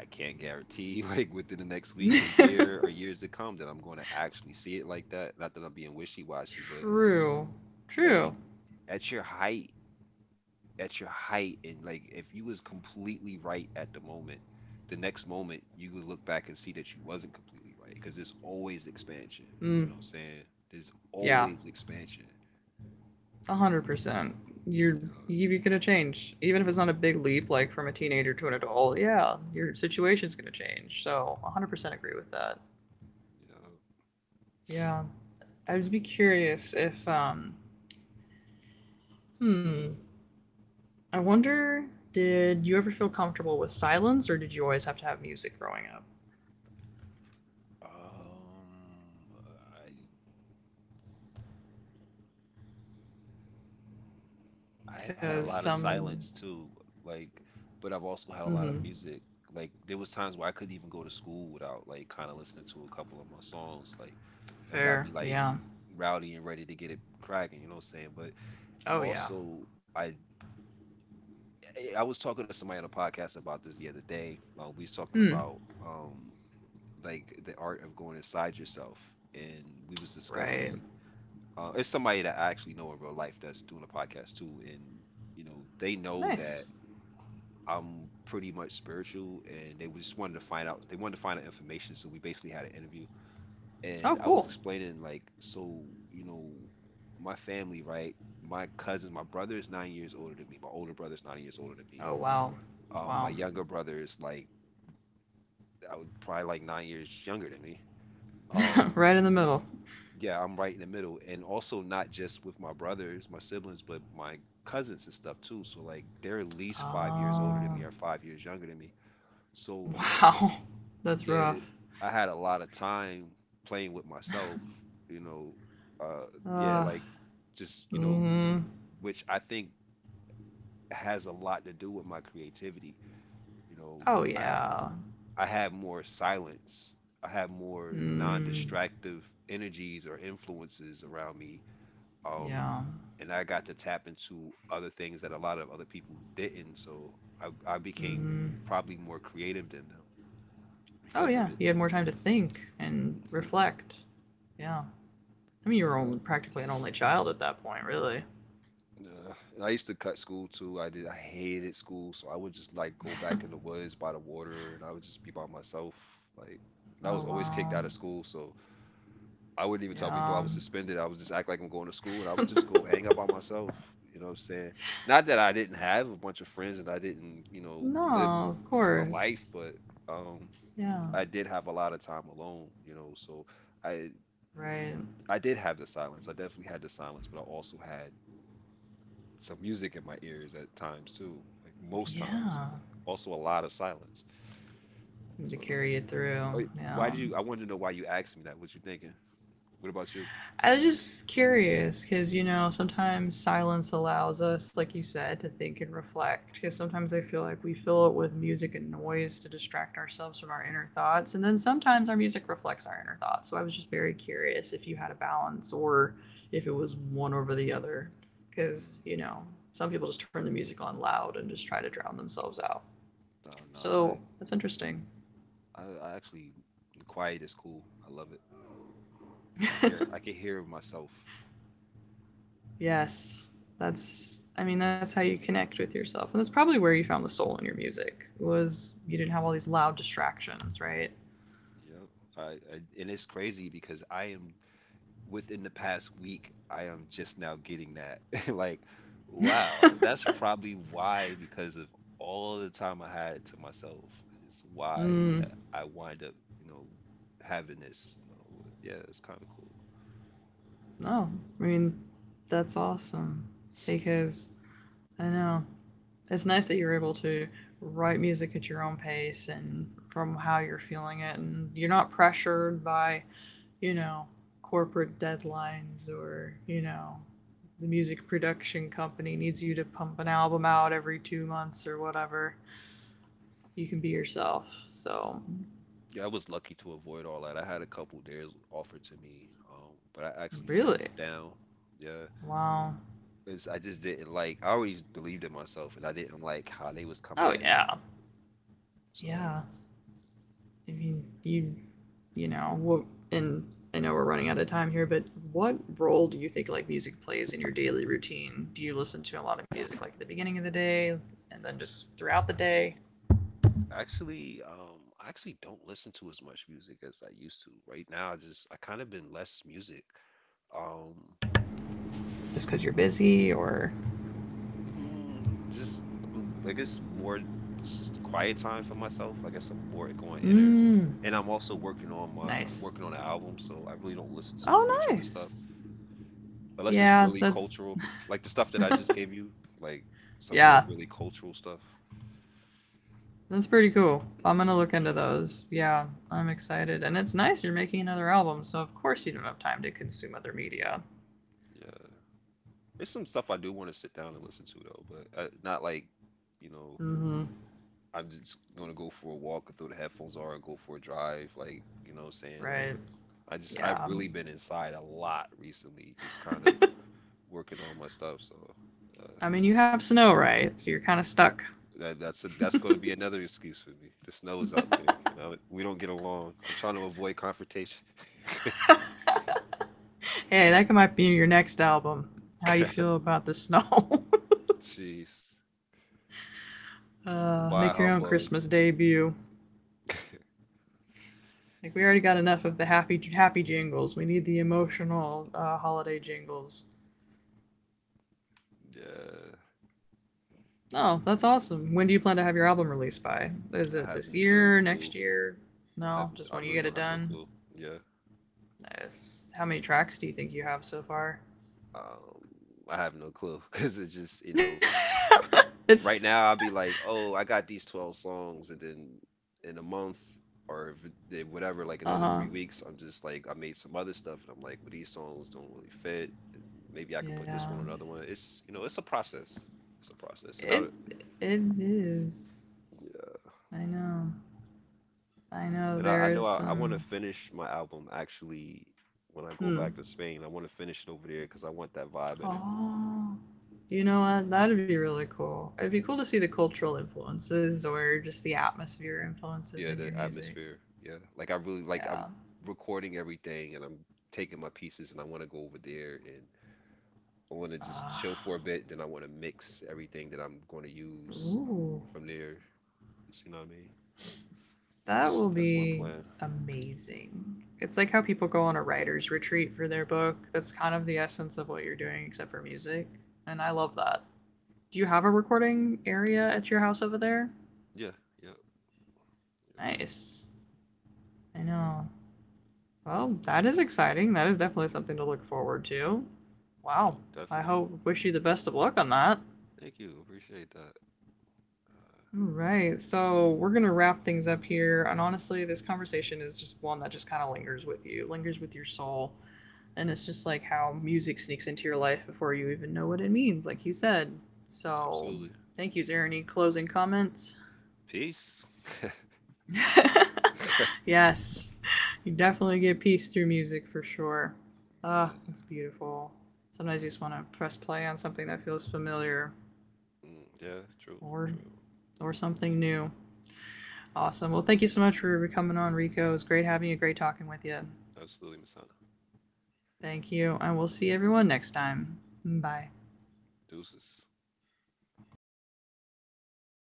Speaker 2: I can't guarantee like within the next week or year or years to come that I'm going to actually see it like that. Not that I'm being wishy-washy, but
Speaker 1: True. True.
Speaker 2: every at your height at your height and like if you was completely right at the moment, the next moment you would look back and see that you wasn't completely right because there's always expansion. You
Speaker 1: Mm,
Speaker 2: know what I'm saying? There's
Speaker 1: yeah.
Speaker 2: always expansion.
Speaker 1: A
Speaker 2: You know,
Speaker 1: hundred percent. You're gonna change, even if it's not a big leap, like from a teenager to an adult. Yeah, your situation's gonna change. So, 100% agree with that.
Speaker 2: you know,
Speaker 1: Yeah, I'd be curious if hmm, I wonder, did you ever feel comfortable with silence, or did you always have to have music growing up?
Speaker 2: mhm, Um, I've had
Speaker 1: Because
Speaker 2: a lot of
Speaker 1: some,
Speaker 2: silence too, like, but I've also had a lot
Speaker 1: mm-hmm,
Speaker 2: of music. Like, there was times where I couldn't even go to school without like kind of listening to a couple of my songs. Like, that got
Speaker 1: fair,
Speaker 2: me like
Speaker 1: yeah.
Speaker 2: rowdy and ready to get it cracking. You know what I'm saying? But
Speaker 1: Oh yeah.
Speaker 2: also, I I was talking to somebody on a podcast about this the other day. We was talking
Speaker 1: Hmm.
Speaker 2: about um like the art of going inside yourself, and we was
Speaker 1: Right.
Speaker 2: discussing. It's somebody that I actually know in real life that's doing a podcast too, and you know they know
Speaker 1: Nice.
Speaker 2: that I'm pretty much spiritual, and they just wanted to find out. They wanted to find out information, so we basically had an interview. And
Speaker 1: Oh,
Speaker 2: I was
Speaker 1: cool.
Speaker 2: explaining, like, so you know, my family, right? My cousins, my brother is 9 years older than me. My older brother is 9 years older than me.
Speaker 1: Oh wow,
Speaker 2: My
Speaker 1: wow,
Speaker 2: younger brother is like, I would probably like 9 years younger than me. Um,
Speaker 1: right in the middle.
Speaker 2: yeah, I'm right in the middle, and also not just with my brothers, my siblings, but my cousins and stuff too. So like, they're at least 5 years older
Speaker 1: Oh
Speaker 2: than me or 5 years younger than me. So
Speaker 1: wow, that's rough.
Speaker 2: yet I had a lot of time playing with myself, you know, uh, yeah,
Speaker 1: Uh,
Speaker 2: like just, you know,
Speaker 1: mm,
Speaker 2: which I think has a lot to do with my creativity. You know,
Speaker 1: oh
Speaker 2: I
Speaker 1: yeah,
Speaker 2: I have more silence. I have more
Speaker 1: mm,
Speaker 2: non-distractive energies or influences around me.
Speaker 1: yeah.
Speaker 2: Um, and I got to tap into other things that a lot of other people didn't. So I
Speaker 1: Hmm.
Speaker 2: became probably more creative than them
Speaker 1: Oh yeah,
Speaker 2: because of
Speaker 1: you had
Speaker 2: it.
Speaker 1: more time to think and
Speaker 2: Mhm.
Speaker 1: reflect. Yeah, I mean you were only practically an only child at that point, really.
Speaker 2: And I used to cut school too. I did. I hated school, so I would just like go back in the woods by the water, and I would just be by myself. Like,
Speaker 1: Oh
Speaker 2: and I was always
Speaker 1: wow,
Speaker 2: kicked out of school, so I wouldn't even tell
Speaker 1: yeah.
Speaker 2: people I was suspended. I would just act like I'm going to school, and I would just go hang out by myself. You know what I'm saying? Not that I didn't have a bunch of friends and I didn't, you know, live
Speaker 1: No, of
Speaker 2: a
Speaker 1: course.
Speaker 2: life, but um,
Speaker 1: Yeah.
Speaker 2: I did have a lot of time alone. You know, so I
Speaker 1: Right.
Speaker 2: I did have the silence. I definitely had the silence, but I also had some music in my ears at times too, like most
Speaker 1: Yeah.
Speaker 2: times, but also a lot of silence.
Speaker 1: Seem to
Speaker 2: So,
Speaker 1: carry you through.
Speaker 2: wait,
Speaker 1: Yeah.
Speaker 2: why did you? I wanted to know why you asked me that. What you thinking? What about you?
Speaker 1: I was just curious because you know sometimes silence allows us, like you said, to think and reflect. Because sometimes I feel like we fill it with music and noise to distract ourselves from our inner thoughts, and then sometimes our music reflects our inner thoughts. So I was just very curious if you had a balance or if it was one over the other. Because
Speaker 2: Mm,
Speaker 1: some people just turn the music on loud and just try to drown themselves out.
Speaker 2: no, no,
Speaker 1: So that's interesting.
Speaker 2: I actually the quiet is cool. I love it. I can hear myself.
Speaker 1: Yes. That's I mean that's how you connect with yourself. And that's probably where you found the soul in your music. Was you didn't have all these loud distractions, right?
Speaker 2: You and it's crazy because I am within the past week, I am just now getting that. Like, wow, that's probably why, because of all the time I had to myself, is why
Speaker 1: mm,
Speaker 2: that I wind up, you know, having this. You know, yeah, it's kind of cool.
Speaker 1: no. I mean that's awesome because I know it's nice that you're able to write music at your own pace and from how you're feeling it and you're not pressured by you know, corporate deadlines or, the music production company needs you to pump an album out every 2 months or whatever. You can be yourself. So,
Speaker 2: Yeah, I was lucky to avoid all that. I had a couple dares offered to me, but I actually turned
Speaker 1: really?
Speaker 2: them down. Yeah,
Speaker 1: Wow.
Speaker 2: because I just didn't like. I always believed in myself, and I didn't like how they was coming
Speaker 1: Oh,
Speaker 2: at me.
Speaker 1: yeah.
Speaker 2: So.
Speaker 1: Yeah. I mean, you know, and I know we're running out of time here, but what role do you think like music plays in your daily routine? Do you listen to a lot of music like at the beginning of the day and then just throughout the day
Speaker 2: Actually, I actually don't listen to as much music as I used to. Right now, I kind of been less music. Um,
Speaker 1: just because you're busy or?
Speaker 2: mm, just I guess more quiet time for myself. I guess I'm more going inner,
Speaker 1: Mm.
Speaker 2: and I'm also working on my I'm
Speaker 1: Nice.
Speaker 2: working on an album, so I really don't listen to too much
Speaker 1: Oh,
Speaker 2: other stuff
Speaker 1: nice.
Speaker 2: unless it's
Speaker 1: Yeah,
Speaker 2: really
Speaker 1: that's
Speaker 2: cultural, like the stuff that I just gave you, like some more
Speaker 1: yeah,
Speaker 2: really cultural stuff.
Speaker 1: that's pretty cool. I'm gonna look into those. Yeah, I'm excited, and it's nice you're making another album, so of course you don't have time to consume other media.
Speaker 2: Yeah, there's some stuff I do want to sit down and listen to though, but not like you know
Speaker 1: Mm-hmm.
Speaker 2: I'm just gonna go for a walk and throw the headphones on and go for a drive. Like, you know what I'm saying? Like,
Speaker 1: Right.
Speaker 2: I've
Speaker 1: Yeah.
Speaker 2: really been inside a lot recently, just kind of working on my stuff. So uh,
Speaker 1: I mean, you have snow, right? So you're kind of stuck.
Speaker 2: that's gonna be another excuse for me. The snow is out there, and I, we don't get along. I'm trying to avoid confrontation.
Speaker 1: Hey, that might be your next album. How you feel about the snow?
Speaker 2: Jeez, by
Speaker 1: Make your own
Speaker 2: humbug.
Speaker 1: Christmas debut. Like we already got enough of the happy happy jingles. We need the emotional holiday jingles.
Speaker 2: Yeah,
Speaker 1: Oh, that's awesome. When do you plan to have your album released by? Is
Speaker 2: I
Speaker 1: it
Speaker 2: have
Speaker 1: this
Speaker 2: no
Speaker 1: year, next
Speaker 2: clue.
Speaker 1: year? No, just
Speaker 2: I
Speaker 1: when you
Speaker 2: really
Speaker 1: get it
Speaker 2: don't have no
Speaker 1: done.
Speaker 2: clue. Yeah.
Speaker 1: Nice. How many tracks do you think you have so far?
Speaker 2: Um, I have no clue because it's just, you know,
Speaker 1: It's
Speaker 2: right now I'll be like, oh, I got these 12 songs, and then in a month or if whatever, like
Speaker 1: Uh
Speaker 2: another
Speaker 1: huh.
Speaker 2: 3 weeks, I'm just like, I made some other stuff, and I'm like, well, these songs don't really fit. And maybe I could put
Speaker 1: Yeah.
Speaker 2: this one on another one. It's, you know, it's a process. It's a process.
Speaker 1: It it is.
Speaker 2: Yeah.
Speaker 1: I know. I know.
Speaker 2: And
Speaker 1: There
Speaker 2: I
Speaker 1: is
Speaker 2: know I want to
Speaker 1: some.
Speaker 2: finish my album actually when I go
Speaker 1: Hmm.
Speaker 2: back to Spain. I want to finish it over there because I want that vibe in it.
Speaker 1: Oh. You know what? That'd be really cool. It'd be cool to see the cultural influences or just the atmosphere influences in
Speaker 2: Yeah,
Speaker 1: your
Speaker 2: the
Speaker 1: music.
Speaker 2: atmosphere. Yeah. Like I really like
Speaker 1: Yeah.
Speaker 2: I'm recording everything and I'm taking my pieces and I want to go over there and I want to just
Speaker 1: Ah.
Speaker 2: chill for a bit, then I want to mix everything that I'm going to use and
Speaker 1: Ooh,
Speaker 2: from there. Just, you know what I mean?
Speaker 1: that will
Speaker 2: That's my
Speaker 1: be
Speaker 2: plan.
Speaker 1: amazing. It's like how people go on a writer's retreat for their book. That's kind of the essence of what you're doing, except for music. And I love that.
Speaker 2: Hmm
Speaker 1: Do you have a recording area at your house over there?
Speaker 2: Yeah, yeah, yeah,
Speaker 1: Nice. I know. Well, that is exciting. That is definitely something to look forward to. Wow.
Speaker 2: yeah,
Speaker 1: I
Speaker 2: definitely.
Speaker 1: hope wish you the best of luck on that.
Speaker 2: Thank you. Appreciate that. Uh,
Speaker 1: All right. So we're going to wrap things up here. And honestly, this conversation is just one that just kind of lingers with you, lingers with your soul. And it's just like how music sneaks into your life before you even know what it means, like you said. So
Speaker 2: absolutely.
Speaker 1: thank you, Zara. Any closing comments?
Speaker 2: Peace.
Speaker 1: yes. You definitely get peace through music for sure. Ah, it's
Speaker 2: Yeah.
Speaker 1: beautiful. Sometimes you just want to press play on something that feels familiar
Speaker 2: Mm, yeah, true,
Speaker 1: or
Speaker 2: true.
Speaker 1: or something new. Awesome. Well, thank you so much for coming on, Rico. It was great having you, great talking with you.
Speaker 2: Absolutely, Masana.
Speaker 1: Thank you, and we'll see everyone next time. Bye.
Speaker 2: Deuces.